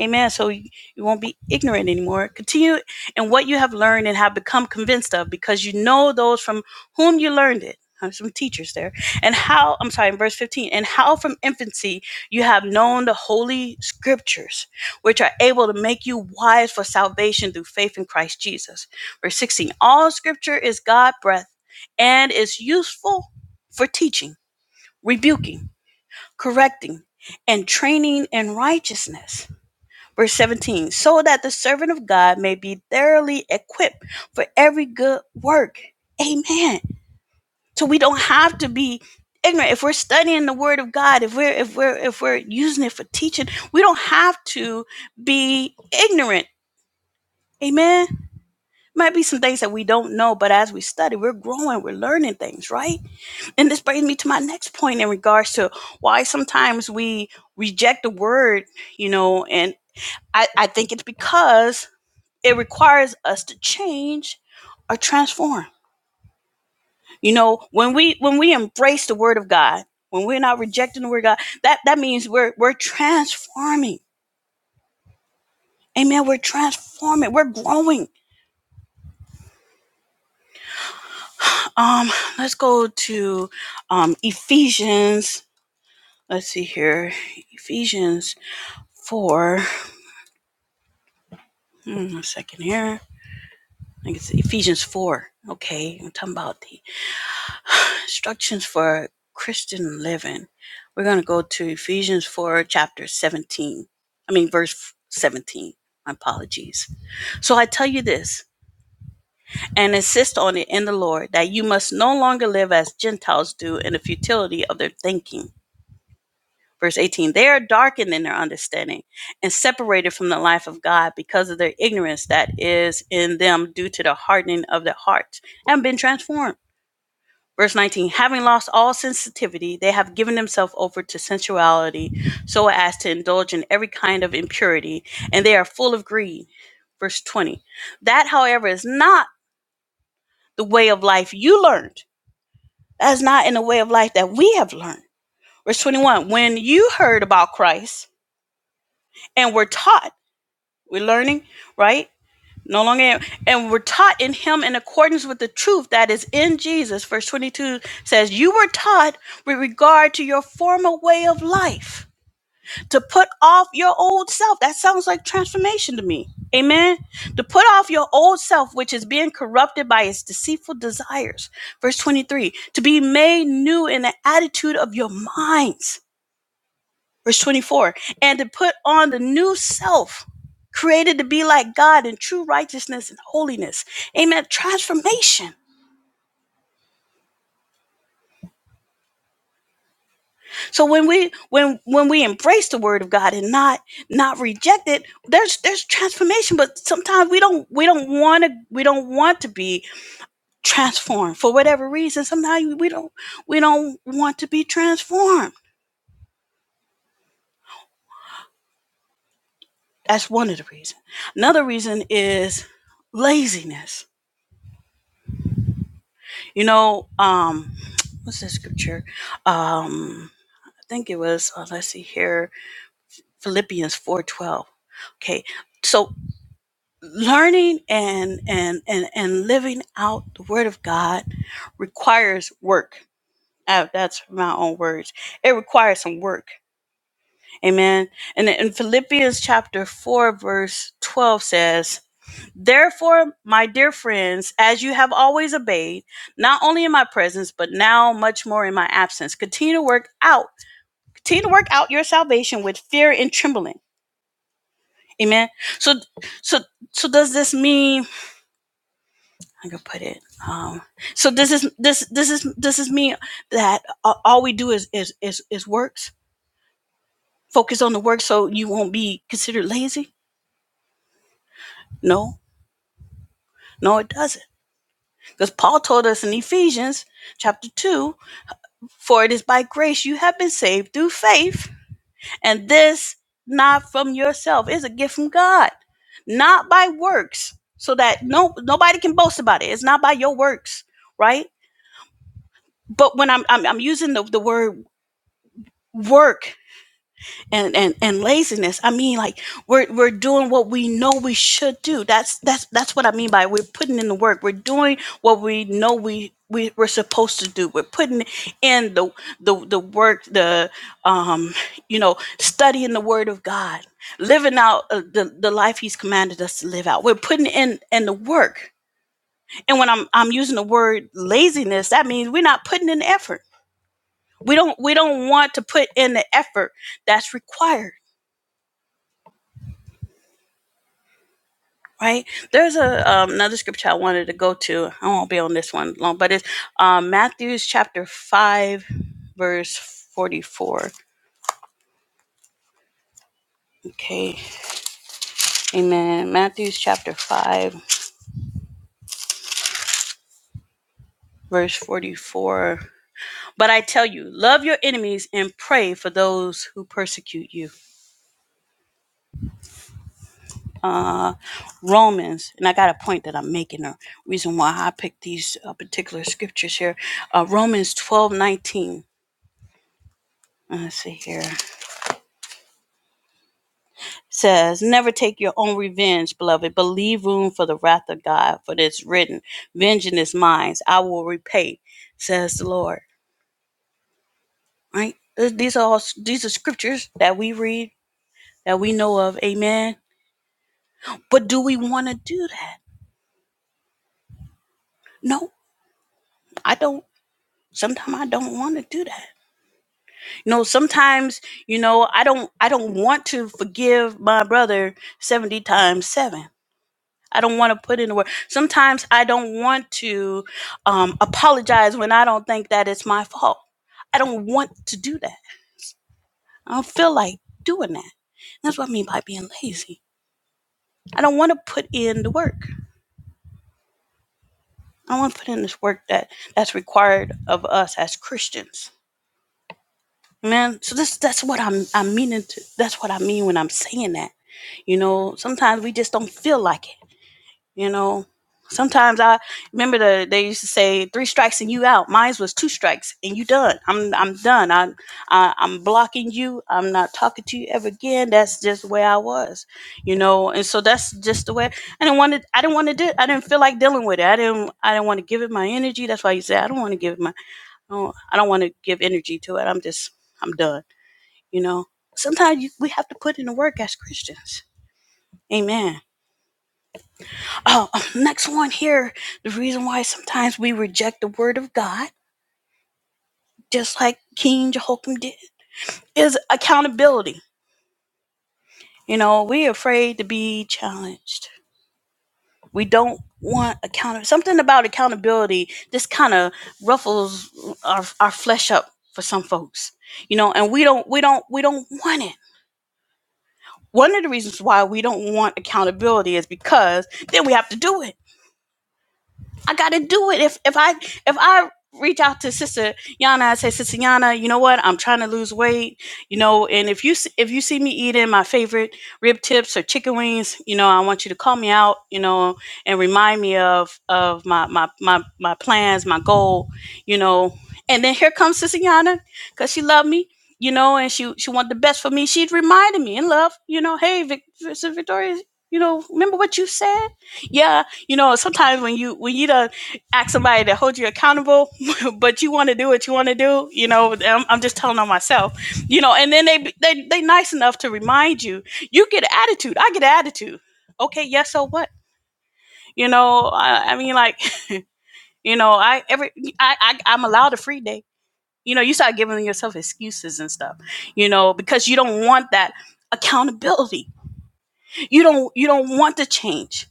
Speaker 1: Amen. So you you won't be ignorant anymore. Continue in what you have learned and have become convinced of, because you know those from whom you learned it. Uh, Some teachers there. And how, I'm sorry, in verse 15, and how from infancy you have known the holy scriptures, which are able to make you wise for salvation through faith in Christ Jesus. Verse 16, all scripture is God breathed and is useful for teaching, rebuking, correcting, and training in righteousness Verse 17, so that the servant of God may be thoroughly equipped for every good work. Amen. So we don't have to be ignorant. If we're studying the word of God, if we're if we're if we're using it for teaching, we don't have to be ignorant. Amen. Might be some things that we don't know, but as we study, we're growing, we're learning things, right? And this brings me to my next point in regards to why sometimes we reject the word, you know, and I, I think it's because It requires us to change or transform. You know, when we when we embrace the word of God, when we're not rejecting the word of God, that that means we're we're transforming. Amen. We're transforming. We're growing. Um, let's go to um Ephesians. Let's see here. Ephesians 4. Hmm, a second here. I think it's Ephesians 4. Okay. I'm talking about the instructions for Christian living. We're going to go to Ephesians 4, chapter 17. I mean, verse 17. My apologies. So I tell you this and insist on it in the Lord that you must no longer live as Gentiles do in the futility of their thinking. Verse 18 They are darkened in their understanding and separated from the life of God because of their ignorance that is in them due to the hardening of their hearts and been transformed. Verse 19, having lost all sensitivity, they have given themselves over to sensuality so as to indulge in every kind of impurity, and they are full of greed. Verse 20, that, however, is not the way of life you learned. That is not in the way of life that we have learned. Verse 21, when you heard about Christ and were taught, we're learning, right? No longer am. And we're taught in him in accordance with the truth that is in Jesus. Verse 22 says, You were taught with regard to your former way of life to put off your old self. That sounds like transformation to me. Amen. To put off your old self, which is being corrupted by its deceitful desires. Verse 23 to be made new in the attitude of your minds verse 24 and to put on the new self created to be like god in true righteousness and holiness amen transformation so when we when when we embrace the word of god and not not reject it there's there's transformation but sometimes we don't we don't want to we don't want to be transformed for whatever reason sometimes we don't we don't want to be transformed that's one of the reasons another reason is laziness You know, um, what's that scripture? Um, I think it was. Uh, let's see here, Philippians four twelve. Okay, so learning and and and and living out the Word of God requires work. Uh, that's my own words. It requires some work. Amen. And in Philippians chapter four verse twelve says. Therefore, my dear friends, as you have always obeyed, not only in my presence, but now much more in my absence, continue to work out, continue to work out your salvation with fear and trembling. Amen. So, so, so does this mean? I can put it. Um, so this is this this is this is me that a- all we do is is is is works. Focus on the work, so you won't be considered lazy. No, no, it doesn't, because Paul told us in Ephesians chapter two For it is by grace you have been saved through faith, and this not from yourself. is a gift from God, not by works, so that no nobody can boast about it. It's not by your works, right? But when I'm I'm, I'm using the, the word work and and and laziness i mean like we're we're doing what we know we should do that's that's that's what i mean by we're putting in the work we're doing what we know we we, we're supposed to do we're putting in the the the work the um you know studying the word of god living out uh, the the life he's commanded us to live out we're putting in in the work and when i'm i'm using the word laziness that means we're not putting in effort we don't we don't want to put in the effort that's required right? There's a um, another scripture I wanted to go to. I won't be on this one long, but it's um, Matthew's chapter five, verse forty-four. Okay, Amen. Matthew's chapter five, verse forty-four. But I tell you, love your enemies and pray for those who persecute you. Uh, Romans, and I got a point that I'm making. A reason why I picked these uh, particular scriptures here. Uh, Romans twelve nineteen. Let's see here. says, Never take your own revenge, beloved, but leave room for the wrath of God, for it's written, Vengeance is mine, I will repay, says the Lord. Right? Th- These are all these are scriptures that we read, that we know of, amen. But do we want to do that? No, I don't. Sometimes I don't want to do that. You know, sometimes, you know, I don't I don't want to forgive my brother 70 times 7. I don't want to put in the work. Sometimes I don't want to um, apologize when I don't think that it's my fault. I don't want to do that. I don't feel like doing that. That's what I mean by being lazy. I don't want to put in the work. I don't want to put in this work that that's required of us as Christians. Man, so this that's what I'm I'm meaning to. That's what I mean when I'm saying that. You know, sometimes we just don't feel like it. You know, sometimes I remember the, they used to say three strikes and you out. Mine was two strikes and you done. I'm I'm done. I, I I'm blocking you. I'm not talking to you ever again. That's just the way I was. You know, and so that's just the way. I didn't want to. I didn't want to do. I didn't feel like dealing with it. I didn't. I didn't want to give it my energy. That's why you say I don't want to give it my. I I don't want to give energy to it. I'm just. I'm done. You know. Sometimes you, we have to put in the work as Christians. Amen. Oh, next one here. The reason why sometimes we reject the word of God, just like King Jehoiakim did, is accountability. You know, we're afraid to be challenged. We don't want accountability. Something about accountability just kind of ruffles our, our flesh up for some folks. You know, and we don't we don't we don't want it. One of the reasons why we don't want accountability is because then we have to do it I gotta do it. If if I if I reach out to Sister Yana, I say, Sister Yana, you know what? I'm trying to lose weight, you know. And if you s- if you see me eating my favorite rib tips or chicken wings, you know, I want you to call me out, you know, and remind me of of my my my my plans, my goal, you know. And then here comes Sister Yana, cause she loved me. You know, and she she wanted the best for me. She reminded me in love, you know, hey, Vic, Sister Victoria, you know, remember what you said? Yeah, you know sometimes when you when you don't ask somebody to hold you accountable but you want to do what you want to do you know I'm, I'm just telling on myself you know and then they they they nice enough to remind you you get an attitude i get an attitude okay yes so what you know i, I mean like you know i every I, I i'm allowed a free day you know you start giving yourself excuses and stuff you know because you don't want that accountability you don't you don't want to change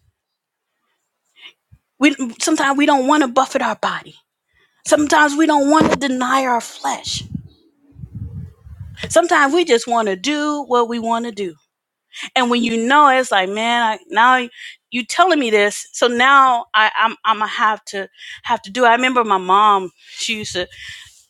Speaker 1: we sometimes we don't want to buffet our body Sometimes we don't want to deny our flesh. Sometimes we just want to do what we want to do. And when you know it, it's like, man, I, now you telling me this, so now I, I'm I'm gonna have to have to do. It. I remember my mom. She used to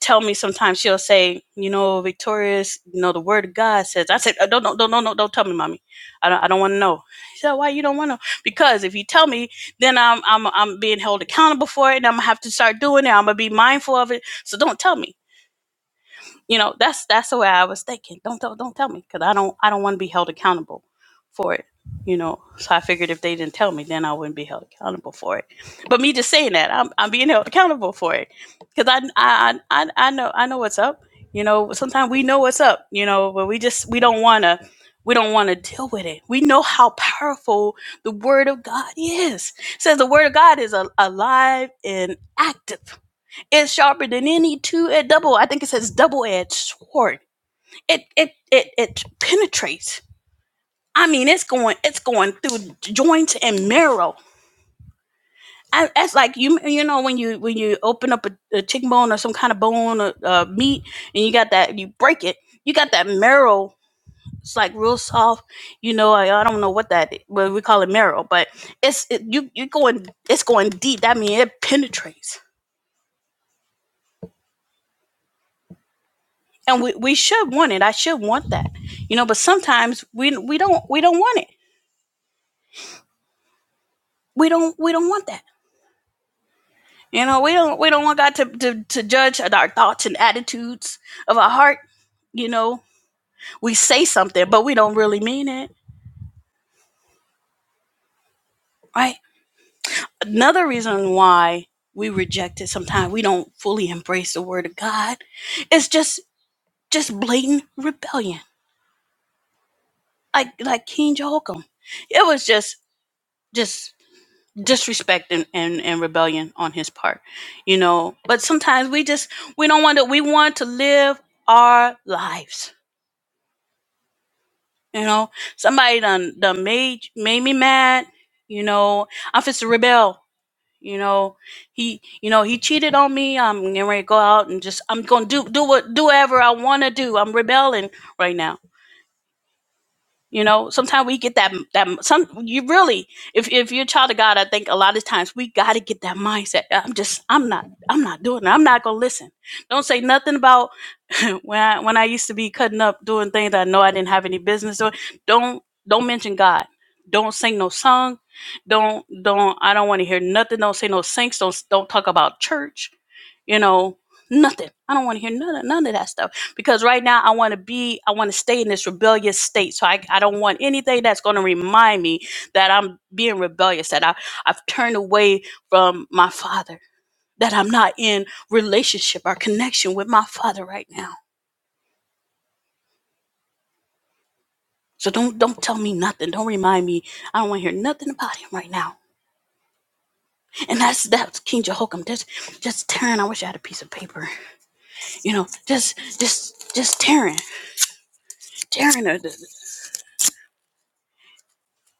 Speaker 1: tell me sometimes she'll say, you know, Victorious, you know, the word of God says. I said, "Uh, don't don't don't don't don't don't tell me, mommy. I don't I don't want to know. She said, why you don't want to? Because if you tell me, then I'm I'm I'm being held accountable for it, and I'm gonna have to start doing it. I'm gonna be mindful of it. So don't tell me. you know, that's that's the way I was thinking. Don't tell, don't tell me because I don't I don't want to be held accountable for it. You know, so I figured if they didn't tell me, then I wouldn't be held accountable for it. But me just saying that, I'm I'm being held accountable for it because I I I I know I know what's up. You know, sometimes we know what's up. You know, but we just we don't wanna we don't want to deal with it. We know how powerful the word of God is. It says the word of God is a- alive and active. Is sharper than any two-edged double. I think it says double-edged sword. It it it it penetrates. I mean, it's going it's going through joints and marrow. I, that's like you you know when you when you open up a, a chicken bone or some kind of bone or uh, meat and you got that you break it. You got that marrow. It's like real soft. You know, I, I don't know what that well we call it marrow, but it's it, you you going it's going deep. That means it penetrates and we, we should want it. I should want that, you know. But sometimes we we don't we don't want it. We don't we don't want that. You know, we don't we don't want God to to, to judge our thoughts and attitudes of our heart. You know, we say something, but we don't really mean it, right? Another reason why we reject it sometimes we don't fully embrace the Word of God. It's just just blatant rebellion, like like King Jehoiakim. It was just just disrespect and, and, and rebellion on his part you know but sometimes we just we don't want to we want to live our lives you know somebody done done made made me mad you know i'm just to rebel you know he you know he cheated on me i'm getting ready to go out and just i'm gonna do do what do whatever i want to do i'm rebelling right now You know, sometimes we get that that some you really if if you're a child of God, I think a lot of times we got to get that mindset. I'm just I'm not I'm not doing it. I'm not gonna listen. Don't say nothing about when I when I used to be cutting up doing things that I know I didn't have any business doing. Don't don't mention God. Don't sing no song. Don't don't I don't want to hear nothing. Don't say no saints. Don't don't talk about church you know nothing i don't want to hear none of, none of that stuff because right now i want to be i want to stay in this rebellious state so i, I don't want anything that's going to remind me that i'm being rebellious that I, i've turned away from my father that i'm not in relationship or connection with my father right now so don't don't tell me nothing don't remind me i don't want to hear nothing about him right now and that's that's king jehoiakim just just tearing i wish i had a piece of paper you know just just just tearing tearing the. the,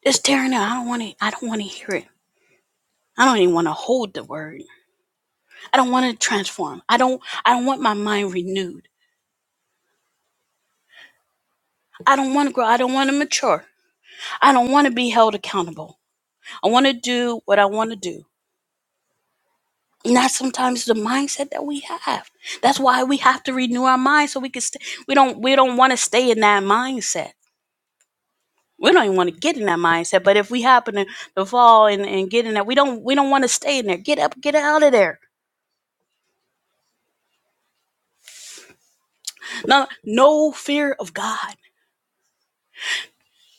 Speaker 1: It's tearing out. I don't want to. I don't want to hear it. I don't even want to hold the word. I don't want to transform. I don't. I don't want my mind renewed. I don't want to grow. I don't want to mature. I don't want to be held accountable. I want to do what I want to do. And that's sometimes the mindset that we have. That's why we have to renew our mind so we can. St- we don't. We don't want to stay in that mindset. We don't even want to get in that mindset. But if we happen to, to fall and, and get in that, we don't. We don't want to stay in there. Get up. Get out of there. No. No fear of God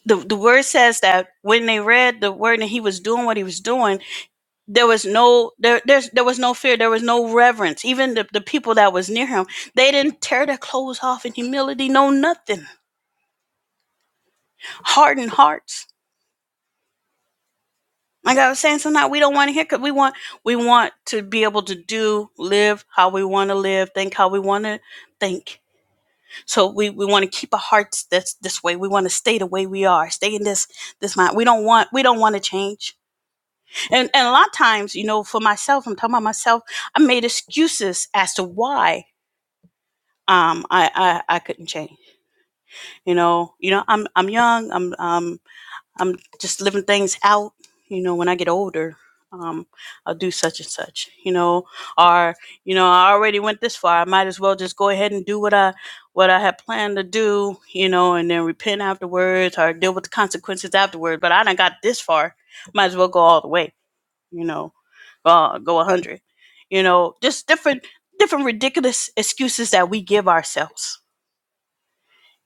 Speaker 1: the, the word says that when they read the word and he was doing what he was doing, there was no there there's, there was no fear, there was no reverence. Even the, the people that was near him, they didn't tear their clothes off in humility, no nothing. Hardened hearts. Like I was saying, sometimes we don't want to hear because we want we want to be able to do, live how we want to live, think how we want to think. So we, we want to keep our hearts this this way. We want to stay the way we are, stay in this this mind. We don't want we don't want to change And, and a lot of times, you know, for myself, I'm talking about myself, I made excuses as to why um, I, I, I couldn't change. You know, you know, I'm, I'm young, I'm, um, I'm just living things out. You know, when I get older, um, I'll do such and such, you know, or, you know, I already went this far. I might as well just go ahead and do what I, what I had planned to do, you know, and then repent afterwards or deal with the consequences afterward. But I done got this far. Might as well go all the way you know, uh, go 100. You know, just different different ridiculous excuses that we give ourselves.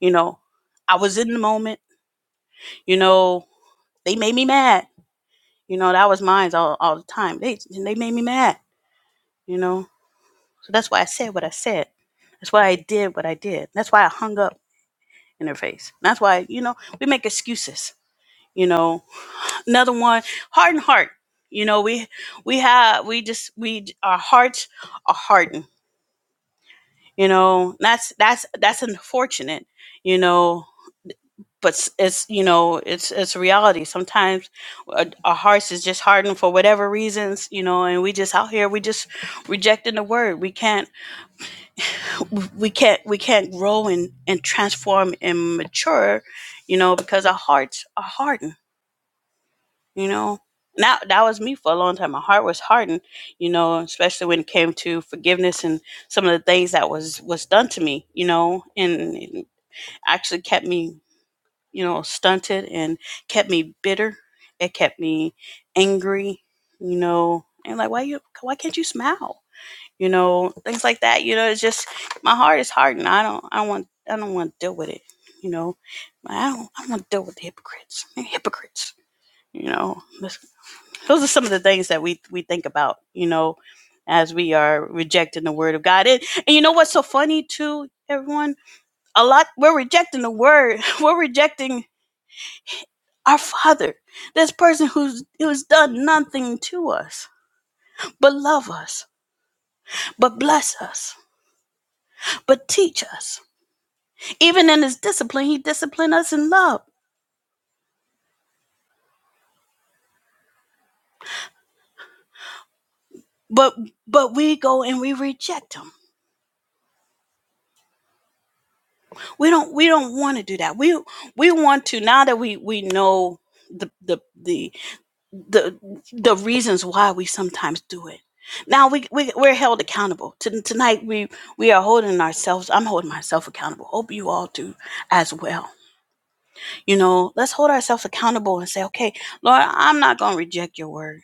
Speaker 1: You know, I was in the moment. You know, they made me mad. You know, that was mine all, all the time. They they made me mad. You know, so that's why I said what I said. That's why I did what I did. That's why I hung up in her face. That's why you know we make excuses. You know, another one, hardened heart. You know, we we have we just we our hearts are hardened you know that's that's that's unfortunate you know but it's you know it's it's reality sometimes uh, our hearts is just hardened for whatever reasons you know and we just out here we just rejecting the word we can't we can't we can't grow and and transform and mature you know because our hearts are hardened you know now that that was me for a long time my heart was hardened you know especially when it came to forgiveness and some of the things that was was done to me you know and actually kept me, you know, stunted and kept me bitter. It kept me angry, you know, and like why you why can't you smile? You know, things like that. You know, it's just my heart is hardened. I don't I don't want I don't want to deal with it. You know, I don't I don't want to deal with the hypocrites. They're hypocrites. You know, That's- those are some of the things that we we think about. You know, as we are rejecting the word of God. And, and you know what's so funny too, everyone? a lot we're rejecting the word we're rejecting our father this person who's who's done nothing to us but love us but bless us but teach us even in his discipline he disciplined us in love but but we go and we reject him we don't we don't want to do that we we want to now that we we know the the the the the reasons why we sometimes do it. Now we, we we're held accountable. T- tonight we we are holding ourselves. I'm holding myself accountable. Hope you all do as well. You know, let's hold ourselves accountable and say, okay, Lord, I'm not gonna reject your word.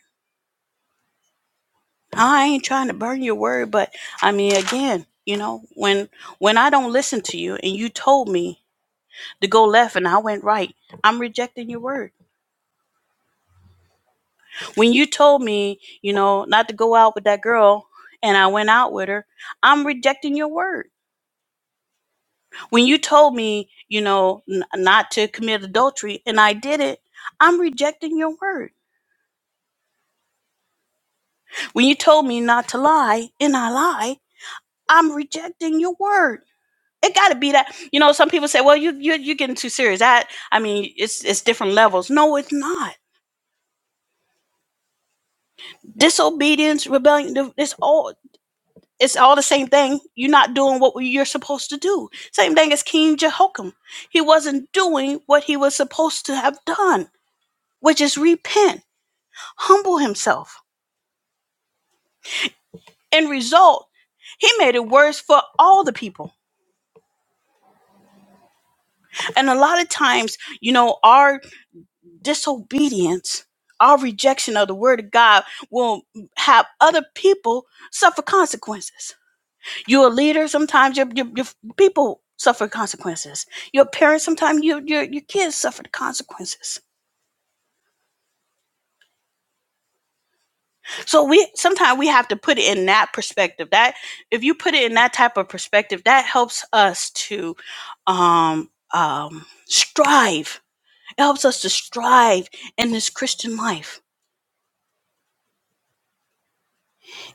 Speaker 1: I ain't trying to burn your word, but I mean, again, you know, when when I don't listen to you and you told me to go left and I went right, I'm rejecting your word when you told me, you know, not to go out with that girl and I went out with her, I'm rejecting your word. When you told me, you know, n- not to commit adultery and I did it, I'm rejecting your word. When you told me not to lie and I lie, I'm rejecting your word. It got to be that. You know, some people say, "Well, you you you're getting too serious." That I mean, it's it's different levels. No, it's not. Disobedience, rebellion, th- it's all. It's all the same thing. You're not doing what you're supposed to do. Same thing as King Jehoiakim. He wasn't doing what he was supposed to have done, which is repent, humble himself. End result, he made it worse for all the people. And a lot of times, you know, our disobedience, our rejection of the word of God will have other people suffer consequences You're a leader. Sometimes your, your, your people suffer consequences. Your parents. Sometimes your, your your kids suffer the consequences. So we sometimes we have to put it in that perspective. That if you put it in that type of perspective, that helps us to um, um, strive. It helps us to strive in this Christian life.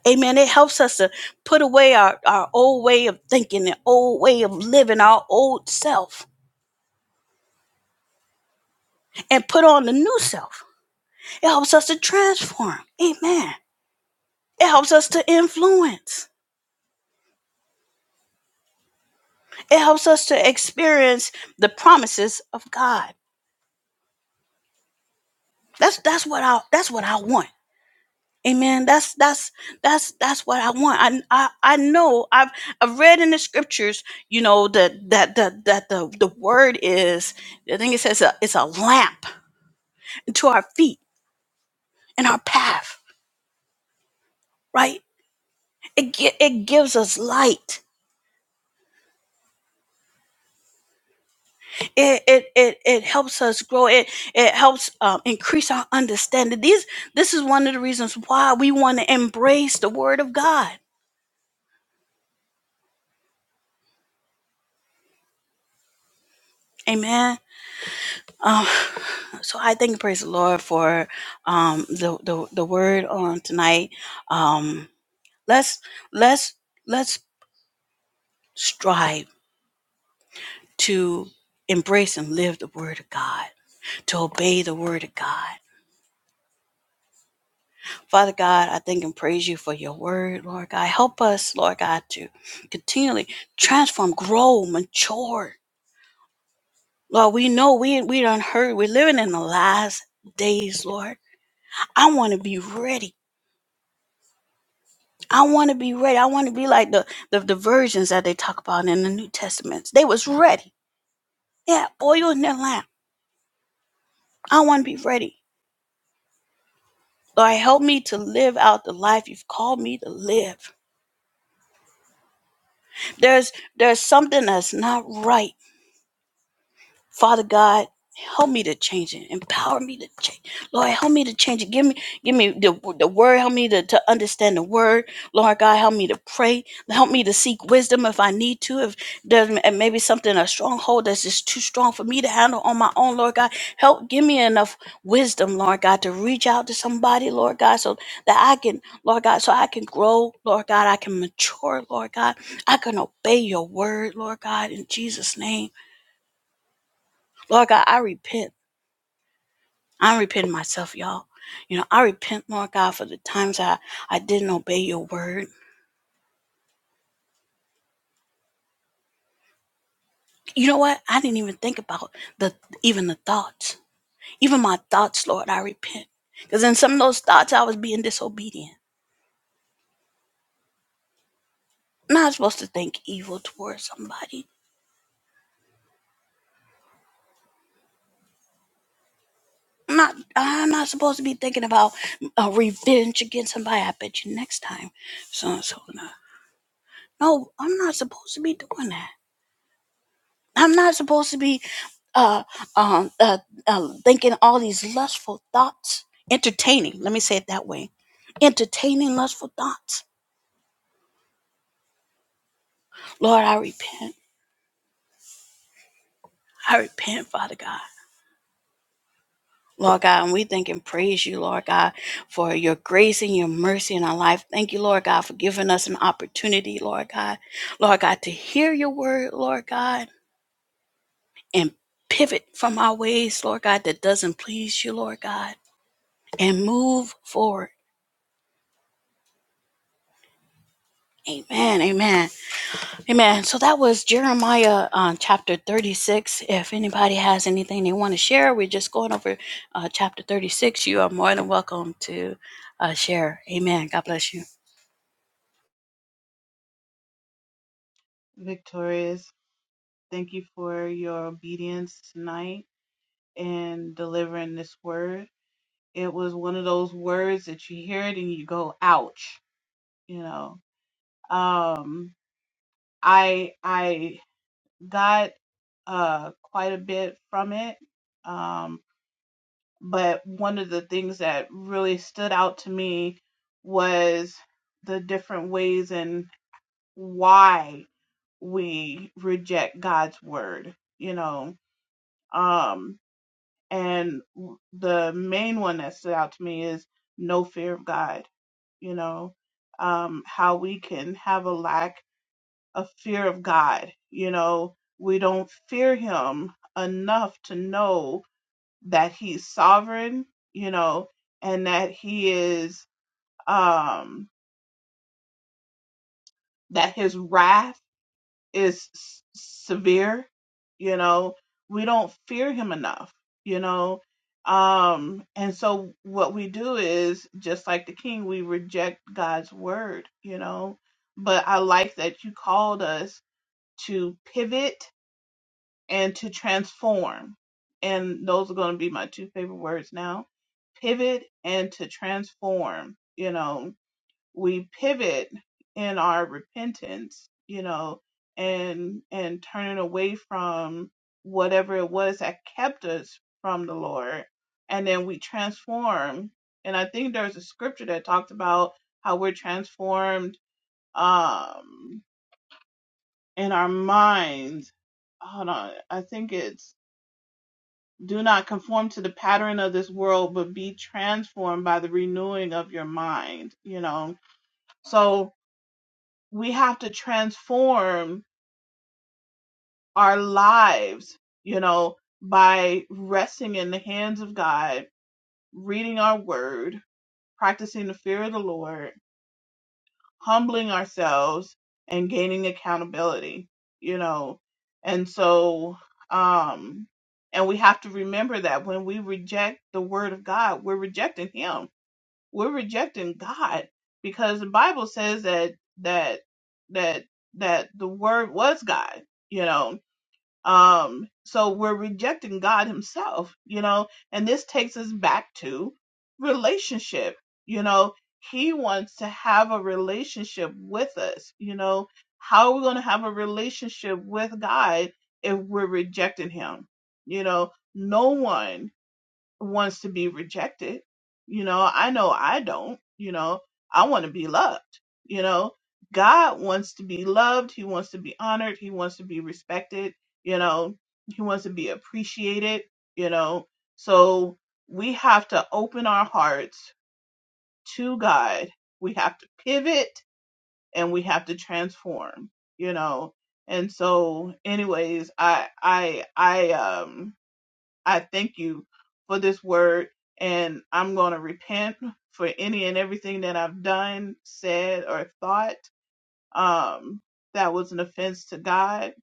Speaker 1: Amen. It helps us to put away our, our old way of thinking, the old way of living, our old self, and put on the new self. It helps us to transform. Amen. It helps us to influence. It helps us to experience the promises of God. That's that's what I that's what I want. Amen. That's that's that's that's what I want. I I, I know I've I've read in the scriptures, you know, that that that that the the word is I think it says a, it's a lamp to our feet and our path, right? It gi- it gives us light it it it, it helps us grow it it helps um, increase our understanding these this is one of the reasons why we want to embrace the word of god amen um so i thank and praise the lord for um the the, the word on tonight um let's let's let's strive to embrace and live the word of god to obey the word of god Father God, I thank and praise you for your word, Lord God. Help us, Lord God, to continually transform, grow, mature. Lord, we know we we done heard. We're living in the last days, Lord. I want to be ready. I want to be ready. I want to be like the, the the virgins that they talk about in the New Testaments. They was ready. Yeah, oil in their lamp. I want to be ready. Lord, help me to live out the life you've called me to live. There's there's something that's not right Father God, help me to change it. Empower me to change. Lord, help me to change it. Give me, give me the, the word. Help me to, to understand the word. Lord God, help me to pray. Help me to seek wisdom if I need to. If there's m- maybe something, a stronghold that's just too strong for me to handle on my own, Lord God, help give me enough wisdom, Lord God, to reach out to somebody, Lord God, so that I can, Lord God, so I can grow, Lord God, I can mature, Lord God. I can obey your word, Lord God, in Jesus' name. Lord God, I repent. I'm repenting myself, y'all. You know, I repent, Lord God, for the times I, I didn't obey your word. You know what? I didn't even think about the even the thoughts. Even my thoughts, Lord, I repent. Because in some of those thoughts I was being disobedient. I'm not supposed to think evil towards somebody. I'm not I'm not supposed to be thinking about uh, revenge against somebody. I bet you next time so and so. No, I'm not supposed to be doing that. I'm not supposed to be uh, um, uh, uh, thinking all these lustful thoughts, entertaining. Let me say it that way entertaining lustful thoughts. Lord, I repent. I repent, Father God. Lord God, and we thank and praise you, Lord God, for your grace and your mercy in our life. Thank you, Lord God, for giving us an opportunity, Lord God. Lord God, to hear your word, Lord God, and pivot from our ways, Lord God, that doesn't please you, Lord God, and move forward. Amen, amen, amen. So that was Jeremiah uh, chapter 36. If anybody has anything they want to share, we're just going over uh, chapter 36. You are more than welcome to uh, share. Amen. God bless you.
Speaker 3: Victorious, thank you for your obedience tonight and delivering this word. It was one of those words that you hear it and you go, ouch, you know. Um I I got uh quite a bit from it. Um but one of the things that really stood out to me was the different ways and why we reject God's word, you know. Um And the main one that stood out to me is no fear of God. You know, um, how we can have a lack of fear of God. You know, we don't fear Him enough to know that He's sovereign. You know, and that He is um, that His wrath is s- severe you know we don't fear him enough you know um and so what we do is just like the king we reject god's word you know but i like that you called us to pivot and to transform and those are going to be my two favorite words now pivot and to transform you know we pivot in our repentance, you know, and and turning away from whatever it was that kept us from the Lord, and then we transform. And I think there's a scripture that talks about how we're transformed um in our minds. Hold on, I think it's do not conform to the pattern of this world, but be transformed by the renewing of your mind, you know. So we have to transform our lives, you know, by resting in the hands of God, reading our word, practicing the fear of the Lord, humbling ourselves, and gaining accountability, you know. And so, um, and we have to remember that when we reject the word of God, we're rejecting Him We're rejecting God because the Bible says that that that that the word was God, you know. Um so we're rejecting God himself, you know, and this takes us back to relationship, you know. He wants to have a relationship with us, you know. How are we going to have a relationship with God if we're rejecting him? You know, no one wants to be rejected. You know, I know I don't, you know, I want to be loved. You know, God wants to be loved. He wants to be honored. He wants to be respected. You know, he wants to be appreciated. You know, so we have to open our hearts to God. We have to pivot and we have to transform, you know. And so anyways, I I I um I thank you for this word, and I'm going to repent for any and everything that I've done, said, or thought um, that was an offense to God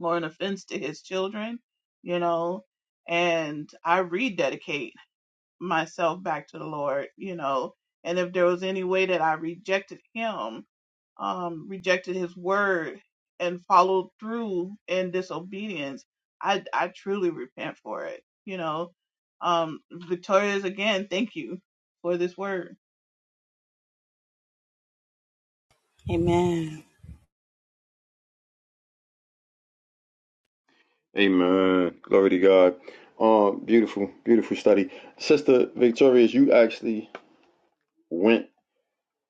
Speaker 3: or an offense to His children, you know. And I rededicate myself back to the Lord, you know. And if there was any way that I rejected Him, um, rejected his word and followed through in disobedience, I I truly repent for it. You know, um, Victoria's again, thank you for this word.
Speaker 1: Amen,
Speaker 2: Amen. Glory to God. Um, beautiful, beautiful study. Sister Victorious, you actually went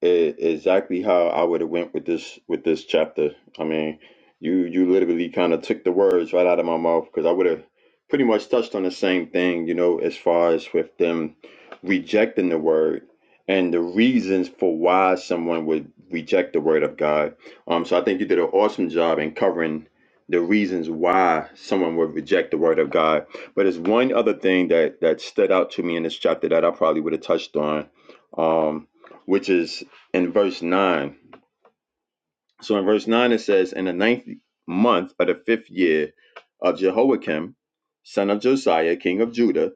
Speaker 2: e- exactly how I would have went with this with this chapter. I mean, you you literally kind of took the words right out of my mouth because I would have pretty much touched on the same thing, you know, as far as with them rejecting the word and the reasons for why someone would reject the word of God. Um, so I think you did an awesome job in covering the reasons why someone would reject the word of God. But there's one other thing that that stood out to me in this chapter that I probably would have touched on. Um, which is in verse 9. So in verse 9, it says, In the ninth month of the fifth year of Jehoiakim, son of Josiah, king of Judah,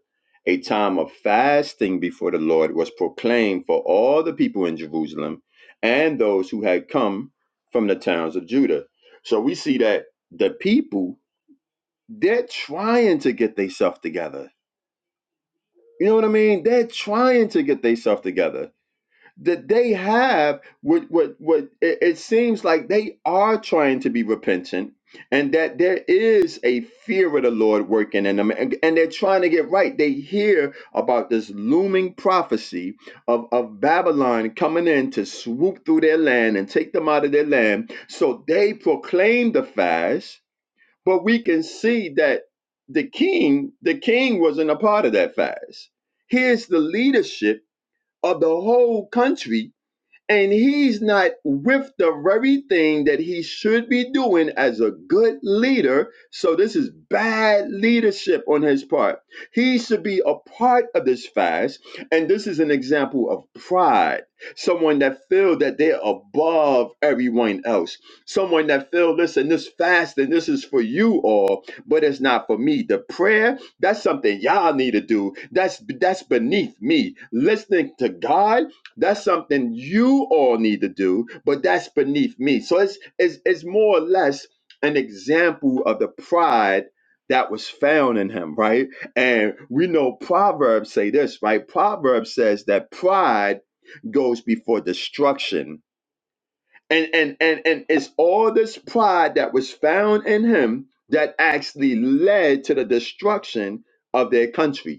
Speaker 2: a time of fasting before the Lord was proclaimed for all the people in Jerusalem and those who had come from the towns of Judah. So we see that the people, they're trying to get themselves together. You know what I mean? They're trying to get themselves together that they have what what what it, it seems like they are trying to be repentant and that there is a fear of the Lord working in them and, and they're trying to get right. They hear about this looming prophecy of, of Babylon coming in to swoop through their land and take them out of their land. So they proclaim the fast, but we can see that the king, the king wasn't a part of that fast. Here's the leadership of the whole country and he's not with the very thing that he should be doing as a good leader. So, this is bad leadership on his part. He should be a part of this fast. And this is an example of pride someone that feel that they're above everyone else, someone that feel, listen, this fast and this is for you all, but it's not for me. The prayer, that's something y'all need to do. That's that's beneath me. Listening to God that's something you all need to do, but that's beneath me. So it's, it's, it's more or less an example of the pride that was found in him, right? And we know Proverbs say this, right? Proverbs says that pride goes before destruction. And and and and it's all this pride that was found in him that actually led to the destruction of their country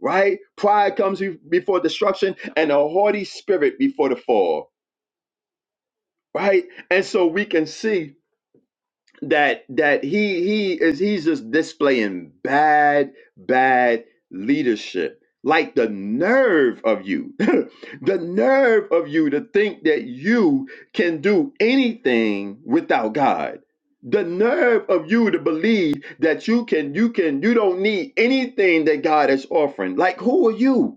Speaker 2: right? Pride comes be- before destruction and a haughty spirit before the fall, right? And so we can see that that he he is he's just displaying bad bad leadership. Like the nerve of you, the nerve of you to think that you can do anything without God. The nerve of you to believe that you can, you can, you don't need anything that God is offering. Like, who are you?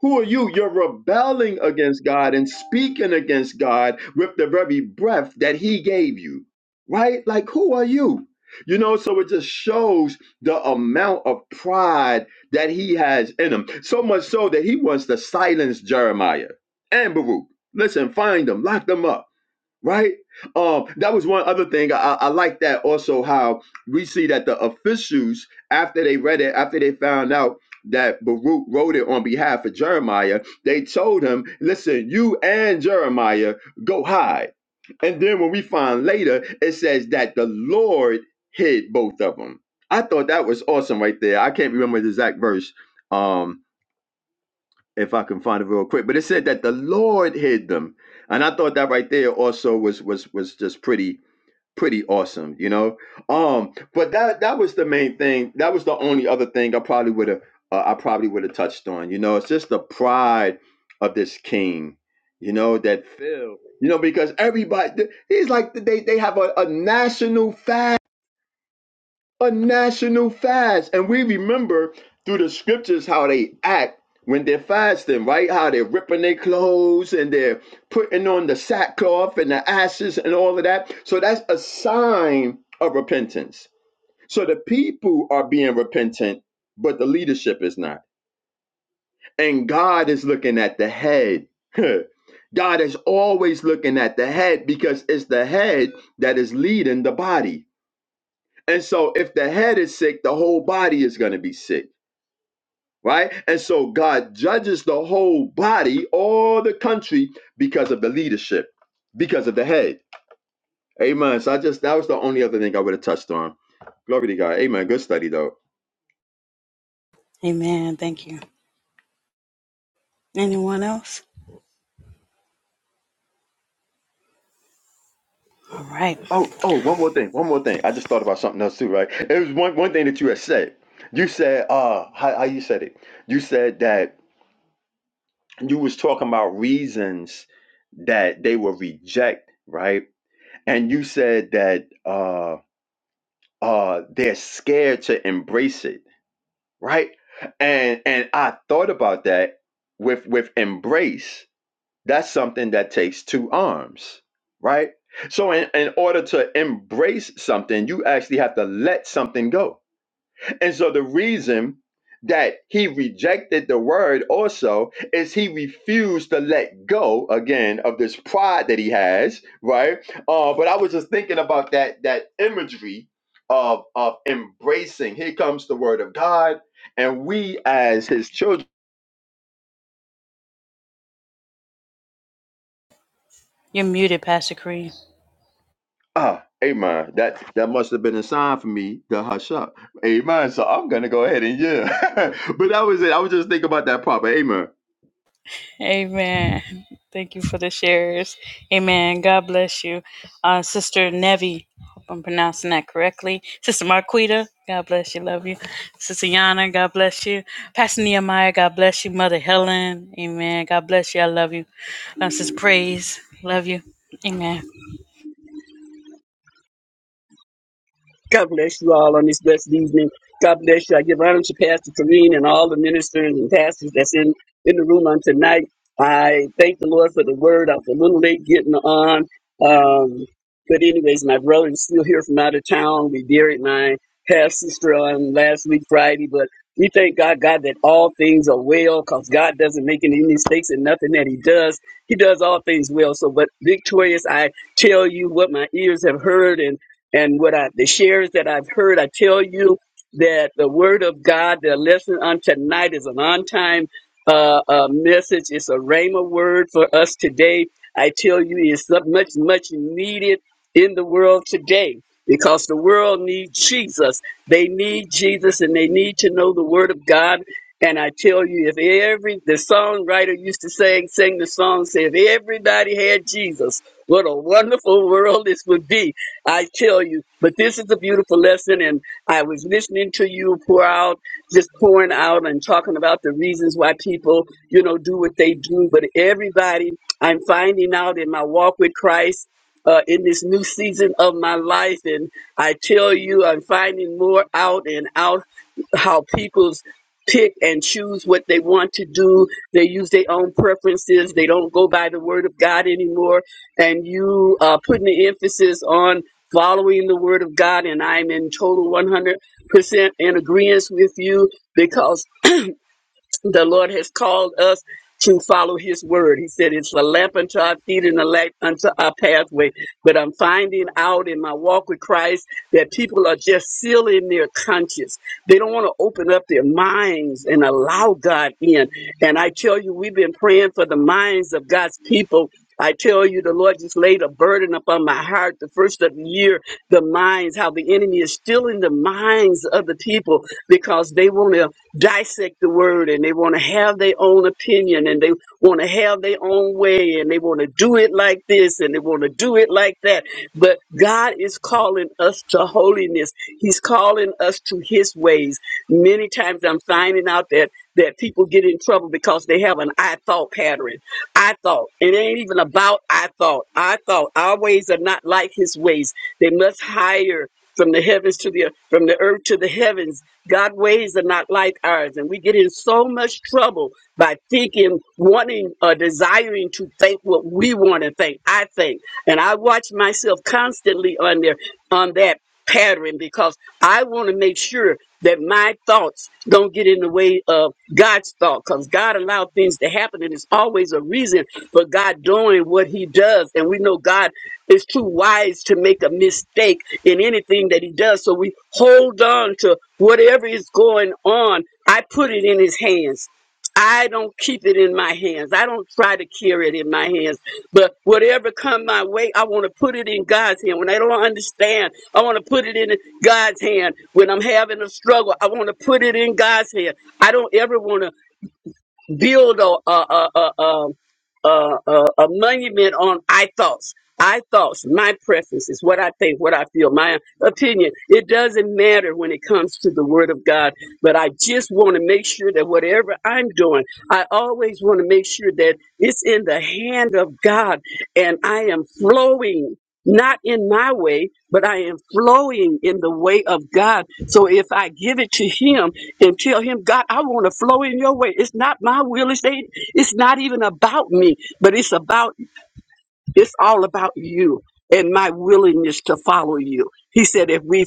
Speaker 2: Who are you? You're rebelling against God and speaking against God with the very breath that He gave you, right? Like, who are you? You know, so it just shows the amount of pride that he has in him. So much so that he wants to silence Jeremiah and Baruch. Listen, find them, lock them up right? Um, that was one other thing. I, I like that also how we see that the officials, after they read it, after they found out that Baruch wrote it on behalf of Jeremiah, they told him, listen, you and Jeremiah go hide. And then when we find later, it says that the Lord hid both of them. I thought that was awesome right there. I can't remember the exact verse. Um, if I can find it real quick. But it said that the Lord hid them, and I thought that right there also was was was just pretty pretty awesome, you know. Um, but that that was the main thing. That was the only other thing I probably would have uh, I probably would have touched on. You know, it's just the pride of this king. You know that Phil. You know because everybody he's like they they have a, a national fast a national fast. And we remember through the scriptures how they act when they're fasting, right? How they're ripping their clothes and they're putting on the sackcloth and the ashes and all of that. So that's a sign of repentance. So the people are being repentant, but the leadership is not. And God is looking at the head. God is always looking at the head because it's the head that is leading the body. And so if the head is sick, the whole body is going to be sick, right? And so God judges the whole body, all the country, because of the leadership, because of the head. Amen. So I just, that was the only other thing I would have touched on. Glory to God. Amen. Good study, though.
Speaker 1: amen. Thank you. Anyone else? All right.
Speaker 2: Oh, oh, one more thing. One more thing. I just thought about something else, too, right? It was one, one thing that you had said. You said, uh, how, how you said it? You said that you was talking about reasons that they will reject, right? And you said that uh uh they're scared to embrace it, right? And and I thought about that with with embrace, that's something that takes two arms, right? So in, in order to embrace something, you actually have to let something go and so the reason that he rejected the word also is he refused to let go again of this pride that he has, right? Uh, but I was just thinking about that that imagery of of embracing. Here comes the word of God, and we as his children.
Speaker 1: You're muted, Pastor Kareem.
Speaker 2: Ah, amen. That that must have been a sign for me to hush up. Amen. So I'm gonna go ahead and yeah. but that was it. I was just thinking about that part. But amen.
Speaker 1: Amen. Thank you for the shares. Amen. God bless you. Uh, Sister Nevi, hope I'm pronouncing that correctly. Sister Marquita, God bless you. Love you. Sister Yana, God bless you. Pastor Nehemiah, God bless you. Mother Helen, amen. God bless you. I love you. Uh, Sister Praise, love you. Amen.
Speaker 4: God bless you all on this blessed evening. God bless you. I give honor to Pastor Kareen and all the ministers and pastors that's in, in the room on tonight. I thank the Lord for the word. I was a little late getting on. Um, but anyways, my brother is still here from out of town. We buried my half sister on last week Friday, but we thank God, God, that all things are well because God doesn't make any mistakes and nothing that He does. He does all things well. So, but victorious, I tell you what my ears have heard and and what I the shares that I've heard, I tell you that the word of God that I listen on tonight is an on time uh, uh, message. It's a rhema word for us today. I tell you, it's so much much needed in the world today because the world needs Jesus. They need Jesus, and they need to know the word of God. And I tell you, if every the songwriter used to sing, sing the song, say, if everybody had Jesus, what a wonderful world this would be. I tell you, but this is a beautiful lesson, and I was listening to you pour out, just pouring out and talking about the reasons why people, you know, do what they do. But everybody, I'm finding out in my walk with Christ. Uh, in this new season of my life, and I tell you, I'm finding more out and out how people's pick and choose what they want to do. They use their own preferences. They don't go by the word of God anymore and you uh, putting the emphasis on following the word of God, and I'm in total 100% in agreement with you because the Lord has called us to follow his word. He said it's a lamp unto our feet and a light unto our pathway. But I'm finding out in my walk with Christ that people are just sealing their conscience. They don't want to open up their minds and allow God in. And I tell you, we've been praying for the minds of God's people. I tell you, the Lord just laid a burden upon my heart the first of the year, the minds, how the enemy is stealing the minds of the people because they want to dissect the word and and they want to have their own opinion and they want to have their own way and they want to do it like this and they want to do it like that. But God is calling us to holiness. He's calling us to his ways. Many times I'm finding out that that people get in trouble because they have an I thought pattern. I thought. It ain't even about I thought. I thought our ways are not like his ways. They must higher from the heavens to the earth, from the earth to the heavens. God ways are not like ours. And we get in so much trouble by thinking, wanting or desiring to think what we want to think. I think. And I watch myself constantly on there on that pattern because I want to make sure that my thoughts don't get in the way of God's thought because God allowed things to happen and it's always a reason for God doing what he does. And we know God is too wise to make a mistake in anything that he does. So we hold on to whatever is going on. I put it in his hands. I don't keep it in my hands. I don't try to carry it in my hands. But whatever come my way, I want to put it in God's hand. When I don't understand, I want to put it in God's hand. When I'm having a struggle, I want to put it in God's hand. I don't ever want to build a a a a, um, a, a, a monument on I thoughts. I thoughts, my preferences, what I think, what I feel, my opinion. It doesn't matter when it comes to the Word of God, but I just want to make sure that whatever I'm doing, I always want to make sure that it's in the hand of God and I am flowing not in my way, but I am flowing in the way of God. So if I give it to Him and tell Him, God, I want to flow in Your way. It's not my will. It's ain't. It's not even about me, but it's about it's all about you and my willingness to follow you. He said, if we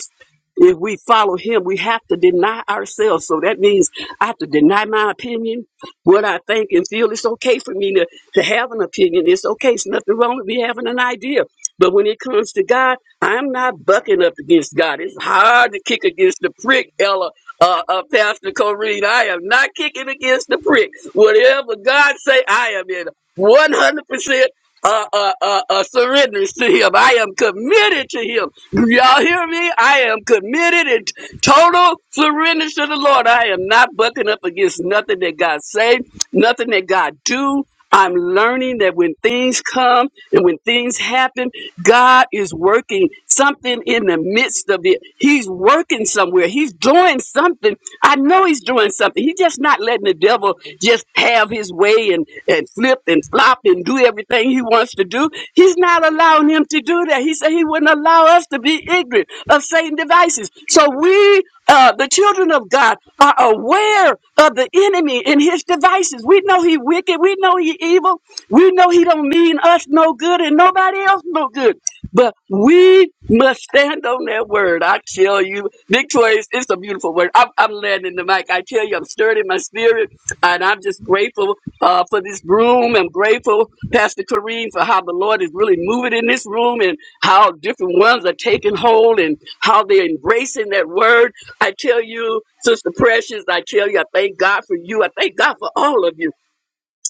Speaker 4: if we follow him, we have to deny ourselves. So that means I have to deny my opinion, what I think and feel. It's okay for me to, to have an opinion. It's okay. It's nothing wrong with me having an idea. But when it comes to God, I'm not bucking up against God. It's hard to kick against the prick, Ella, uh, uh, Pastor Corrine. I am not kicking against the prick. Whatever God say, I am in 100% uh, uh, uh, uh, surrenders to Him. I am committed to Him. Do y'all hear me? I am committed, Total surrender to the Lord. I am not bucking up against nothing that God say, nothing that God do. I'm learning that when things come and when things happen, God is working something in the midst of it. He's working somewhere. He's doing something. I know he's doing something. He's just not letting the devil just have his way and, and flip and flop and do everything he wants to do. He's not allowing him to do that. He said he wouldn't allow us to be ignorant children of Satan devices. So we, uh, the children of God, are aware of the enemy and his devices. We know he wicked. We know he evil. We know he don't mean us no good and nobody else no good. But we must stand on that word. I tell you, victorious. It's a beautiful word. I'm, I'm landing the mic. I tell you, I'm stirred in my spirit, and I'm just grateful uh, for this room. I'm grateful, Pastor Kareem, for how the Lord is really moving in this room. and how different ones are taking hold and how they're embracing that word. I tell you, Sister Precious, I tell you, I thank God for you. I thank God for all of you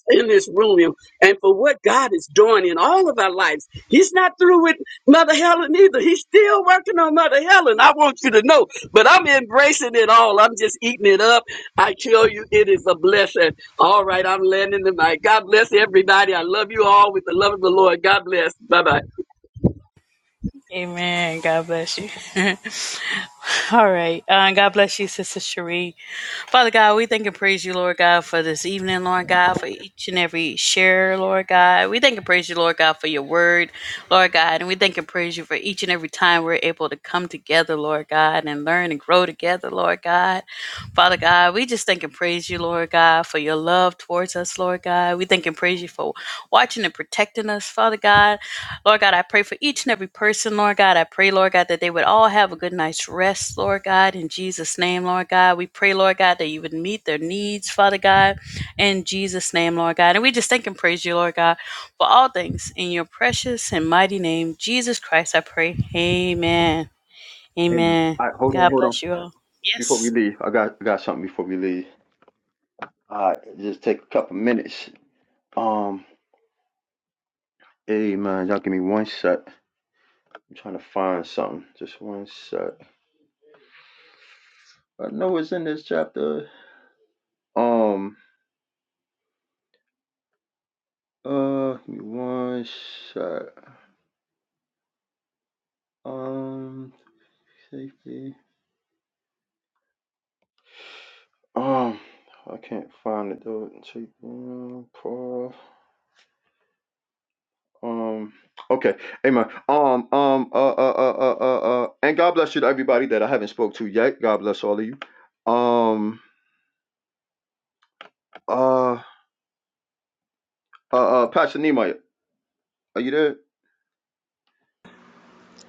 Speaker 4: in this room and for what God is doing in all of our lives. He's not through with Mother Helen either. He's still working on Mother Helen. I want you to know, but I'm embracing it all. I'm just eating it up. I tell you, it is a blessing. All right, I'm landing the mic. God bless everybody. I love you all with the love of the Lord. God bless. Bye bye.
Speaker 1: Amen. God bless you. All right. Uh, God bless you, Sister Cherie. Father God, we thank and praise you, Lord God, for this evening, Lord God, for each and every share, Lord God. We thank and praise you, Lord God, for your word, Lord God. And we thank and praise you for each and every time we're able to come together, Lord God, and learn and grow together, Lord God. Father God, we just thank and praise you, Lord God, for your love towards us, Lord God. We thank and praise you for watching and protecting us, Father God. Lord God, I pray for each and every person, Lord God. I pray, Lord God, that they would all have a good night's rest, Lord God, in Jesus' name, Lord God. We pray, Lord God, that you would meet their needs, Father God, in Jesus' name, Lord God. And we just thank and praise you, Lord God, for all things. In your precious and mighty name, Jesus Christ, I pray. Amen.
Speaker 2: Amen.
Speaker 1: Amen.
Speaker 2: All right, hold on,
Speaker 1: God
Speaker 2: hold on.
Speaker 1: bless you all.
Speaker 2: Before we
Speaker 1: Yes.
Speaker 2: leave, I got I got something before we leave. Uh just take a couple minutes. Um hey man, y'all give me one sec. I'm trying to find something. Just one sec. I know it's in this chapter. Um uh give me one sec. Um safety. Um I can't find it though. Take um, prof. Um okay. Amen. Um um uh uh uh uh uh uh, and God bless you to everybody that I haven't spoke to yet. God bless all of you. Um Uh, uh, uh Pastor Nehemiah, are you there?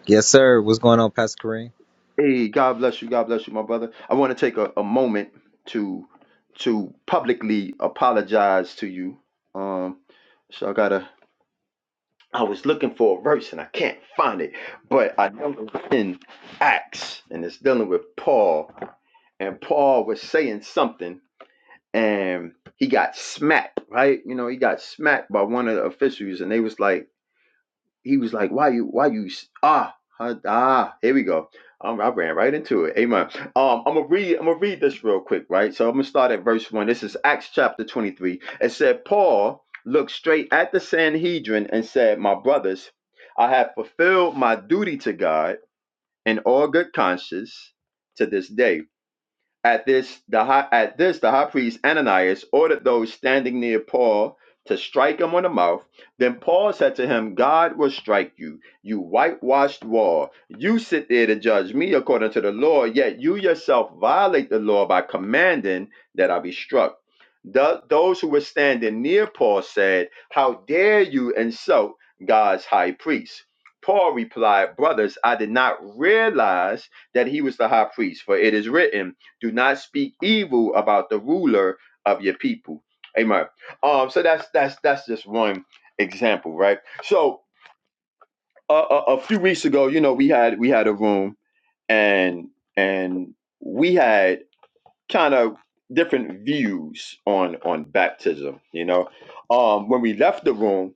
Speaker 5: Yes, sir. What's going on, Pastor Kareem?
Speaker 2: Hey, God bless you. God bless you, my brother. I want to take a, a moment to to publicly apologize to you. Um, so I gotta. I was looking for a verse and I can't find it, but I know it's in Acts and it's dealing with Paul. And Paul was saying something and he got smacked, right? You know, he got smacked by one of the officials and they was like, he was like, "Why you? Why you? Ah, huh, ah, here we go." Um, I ran right into it. Amen. Um, I'm gonna read. I'm gonna read this real quick, right? So I'm gonna start at verse one. This is Acts chapter 23. It said, "Paul looked straight at the Sanhedrin and said, My brothers, I have fulfilled my duty to God in all good conscience to this day." At this, the high, at this, the high priest Ananias ordered those standing near Paul to strike him on the mouth. Then Paul said to him, God will strike you, you whitewashed wall. You sit there to judge me according to the law, yet you yourself violate the law by commanding that I be struck. Th- those who were standing near Paul said, How dare you insult God's high priest? Paul replied, Brothers, I did not realize that he was the high priest, for it is written, do not speak evil about the ruler of your people. Amen. Um, so that's that's that's just one example, right? So uh, a, a few weeks ago, you know, we had we had a room and and we had kind of different views on on baptism. You know, um, when we left the room,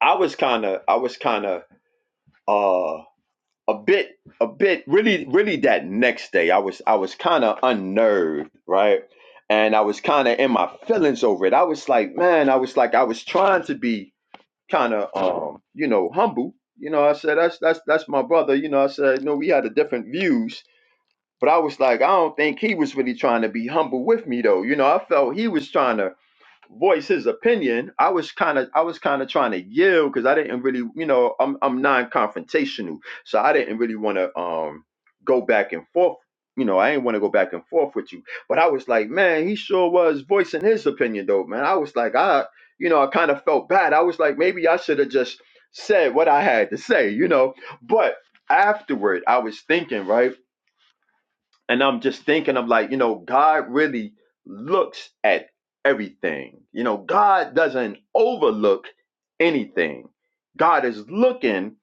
Speaker 2: I was kind of I was kind of a bit a bit really really that next day i was i was kind of unnerved right and i was kind of in my feelings over it i was like man i was like i was trying to be kind of um you know humble you know i said that's that's that's my brother you know i said no we had a different views but i was like i don't think he was really trying to be humble with me though you know i felt he was trying to voice his opinion. I was kind of I was kind of trying to yield because I didn't really, you know, I'm I'm non-confrontational, so I didn't really want to um go back and forth. You know, I didn't want to go back and forth with you, but I was like, man, he sure was voicing his opinion though, man. I was like, I, you know, I kind of felt bad. I was like, maybe I should have just said what I had to say, you know. But afterward, I was thinking, right? and I'm just thinking of like, you know, God really looks at everything. You know, God doesn't overlook anything. God is looking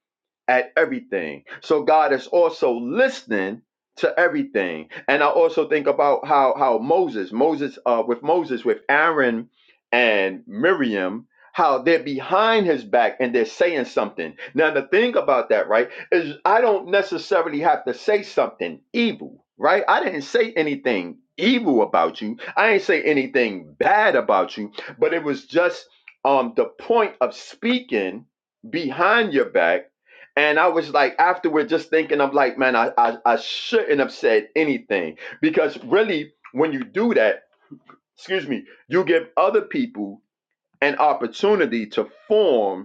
Speaker 2: at everything. So God is also listening to everything. And I also think about how how Moses, Moses, uh, with Moses, with Aaron and Miriam, how they're behind his back and they're saying something. Now the thing about that, right, is I don't necessarily have to say something evil, right? I didn't say anything evil about you. I ain't say anything bad about you, but it was just um the point of speaking behind your back and I was like, afterward, just thinking, I'm like, man, I, I, I shouldn't have said anything. Because really, when you do that, excuse me, you give other people an opportunity to form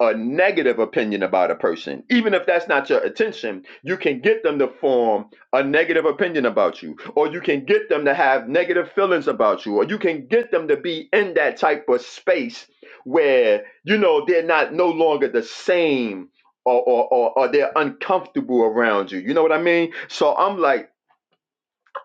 Speaker 2: a negative opinion about a person, even if that's not your intention, you can get them to form a negative opinion about you, or you can get them to have negative feelings about you, or you can get them to be in that type of space where, you know, they're not no longer the same or, or, or, or they're uncomfortable around you. You know what I mean? So I'm like,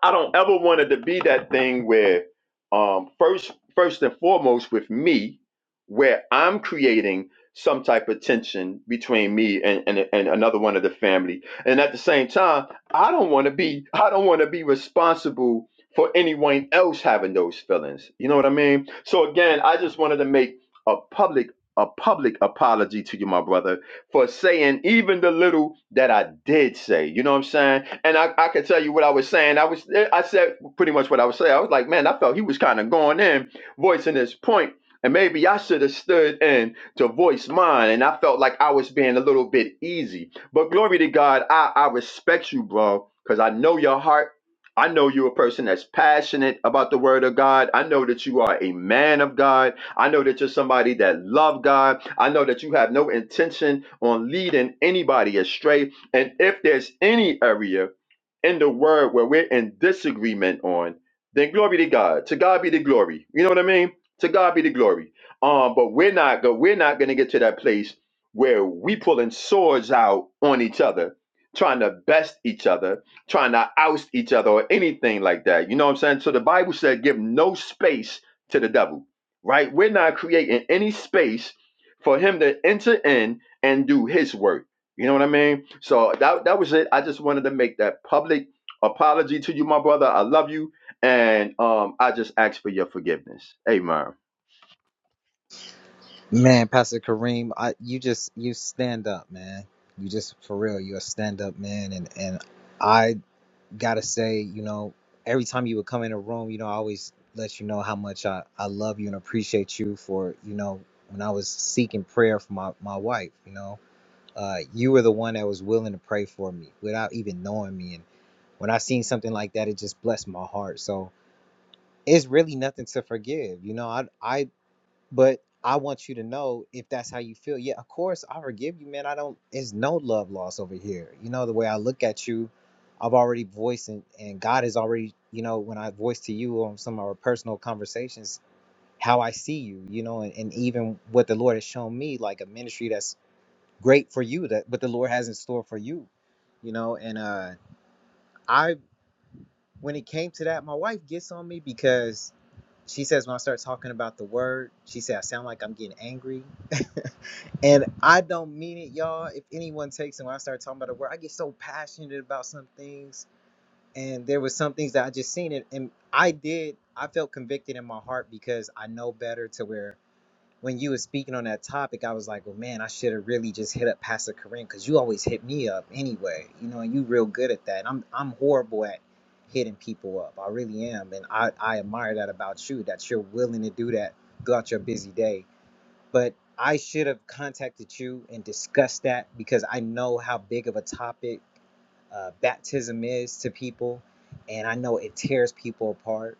Speaker 2: I don't ever want it to be that thing where um first first and foremost with me, where I'm creating some type of tension between me and, and, and another one of the family. And at the same time, I don't want to be I don't want to be responsible for anyone else having those feelings. You know what I mean? So again, I just wanted to make a public a public apology to you, my brother, for saying even the little that I did say. You know what I'm saying? and I, I can tell you what I was saying. I was I said pretty much what I was saying. I was like, man, I felt he was kind of going in, voicing his point, and maybe I should have stood in to voice mine. And I felt like I was being a little bit easy. But glory to God, I I respect you, bro, because I know your heart. I know you're a person that's passionate about the word of God. I know that you are a man of God. I know that you're somebody that love God. I know that you have no intention on leading anybody astray. And if there's any area in the word where we're in disagreement on, then glory to God. To God be the glory. You know what I mean? To God be the glory. Um, but we're not go we're not gonna get to that place where we pulling swords out on each other, trying to best each other, trying to oust each other or anything like that. You know what I'm saying? So the Bible said give no space to the devil, right? We're not creating any space for him to enter in and do his work. You know what I mean? So that that was it. I just wanted to make that public apology to you, my brother. I love you, and um, I just ask for your forgiveness. Amen.
Speaker 5: Man, Pastor Kareem, I you just you stand up, man. You just for real, you're a stand up man, and and I gotta say, you know, every time you would come in a room, you know, I always let you know how much I I love you and appreciate you for you know when I was seeking prayer for my my wife, you know, uh, you were the one that was willing to pray for me without even knowing me, and when I seen something like that, it just blessed my heart. So it's really nothing to forgive. You know, I I But I want you to know if that's how you feel. Yeah, of course, I forgive you, man. I don't, it's no love lost over here. You know, the way I look at you, I've already voiced and, and God has already, you know, when I voice to you on some of our personal conversations, how I see you, you know, and, and even what the Lord has shown me, like a ministry that's great for you, that what the Lord has in store for you, you know. And uh I, when it came to that, my wife gets on me because she says when I start talking about the word, she said I sound like I'm getting angry And I don't mean it, y'all. If anyone takes it, when I start talking about a word, I get so passionate about some things. And there was some things that I just seen it, and I did. I felt convicted in my heart because I know better. To where when you were speaking on that topic, I was like, well, man, I should have really just hit up Pastor Corinne because you always hit me up anyway. You know, and you real good at that. And I'm I'm horrible at hitting people up. I really am, and I I admire that about you that you're willing to do that throughout your busy day but I should have contacted you and discussed that because I know how big of a topic uh, baptism is to people, and I know it tears people apart.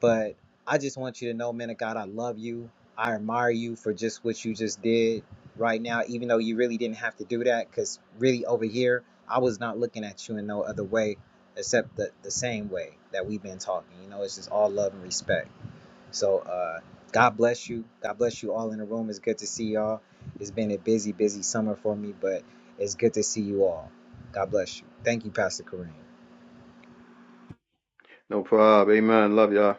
Speaker 5: But I just want you to know, man of God, I love you. I admire you for just what you just did right now, even though you really didn't have to do that. Because really, over here, I was not looking at you in no other way except the, the same way that we've been talking. You know, it's just all love and respect. So uh, God bless you. God bless you all in the room. It's good to see y'all. It's been a busy, busy summer for me, but it's good to see you all. God bless you. Thank you, Pastor Kareem.
Speaker 2: No problem. Amen. Love y'all.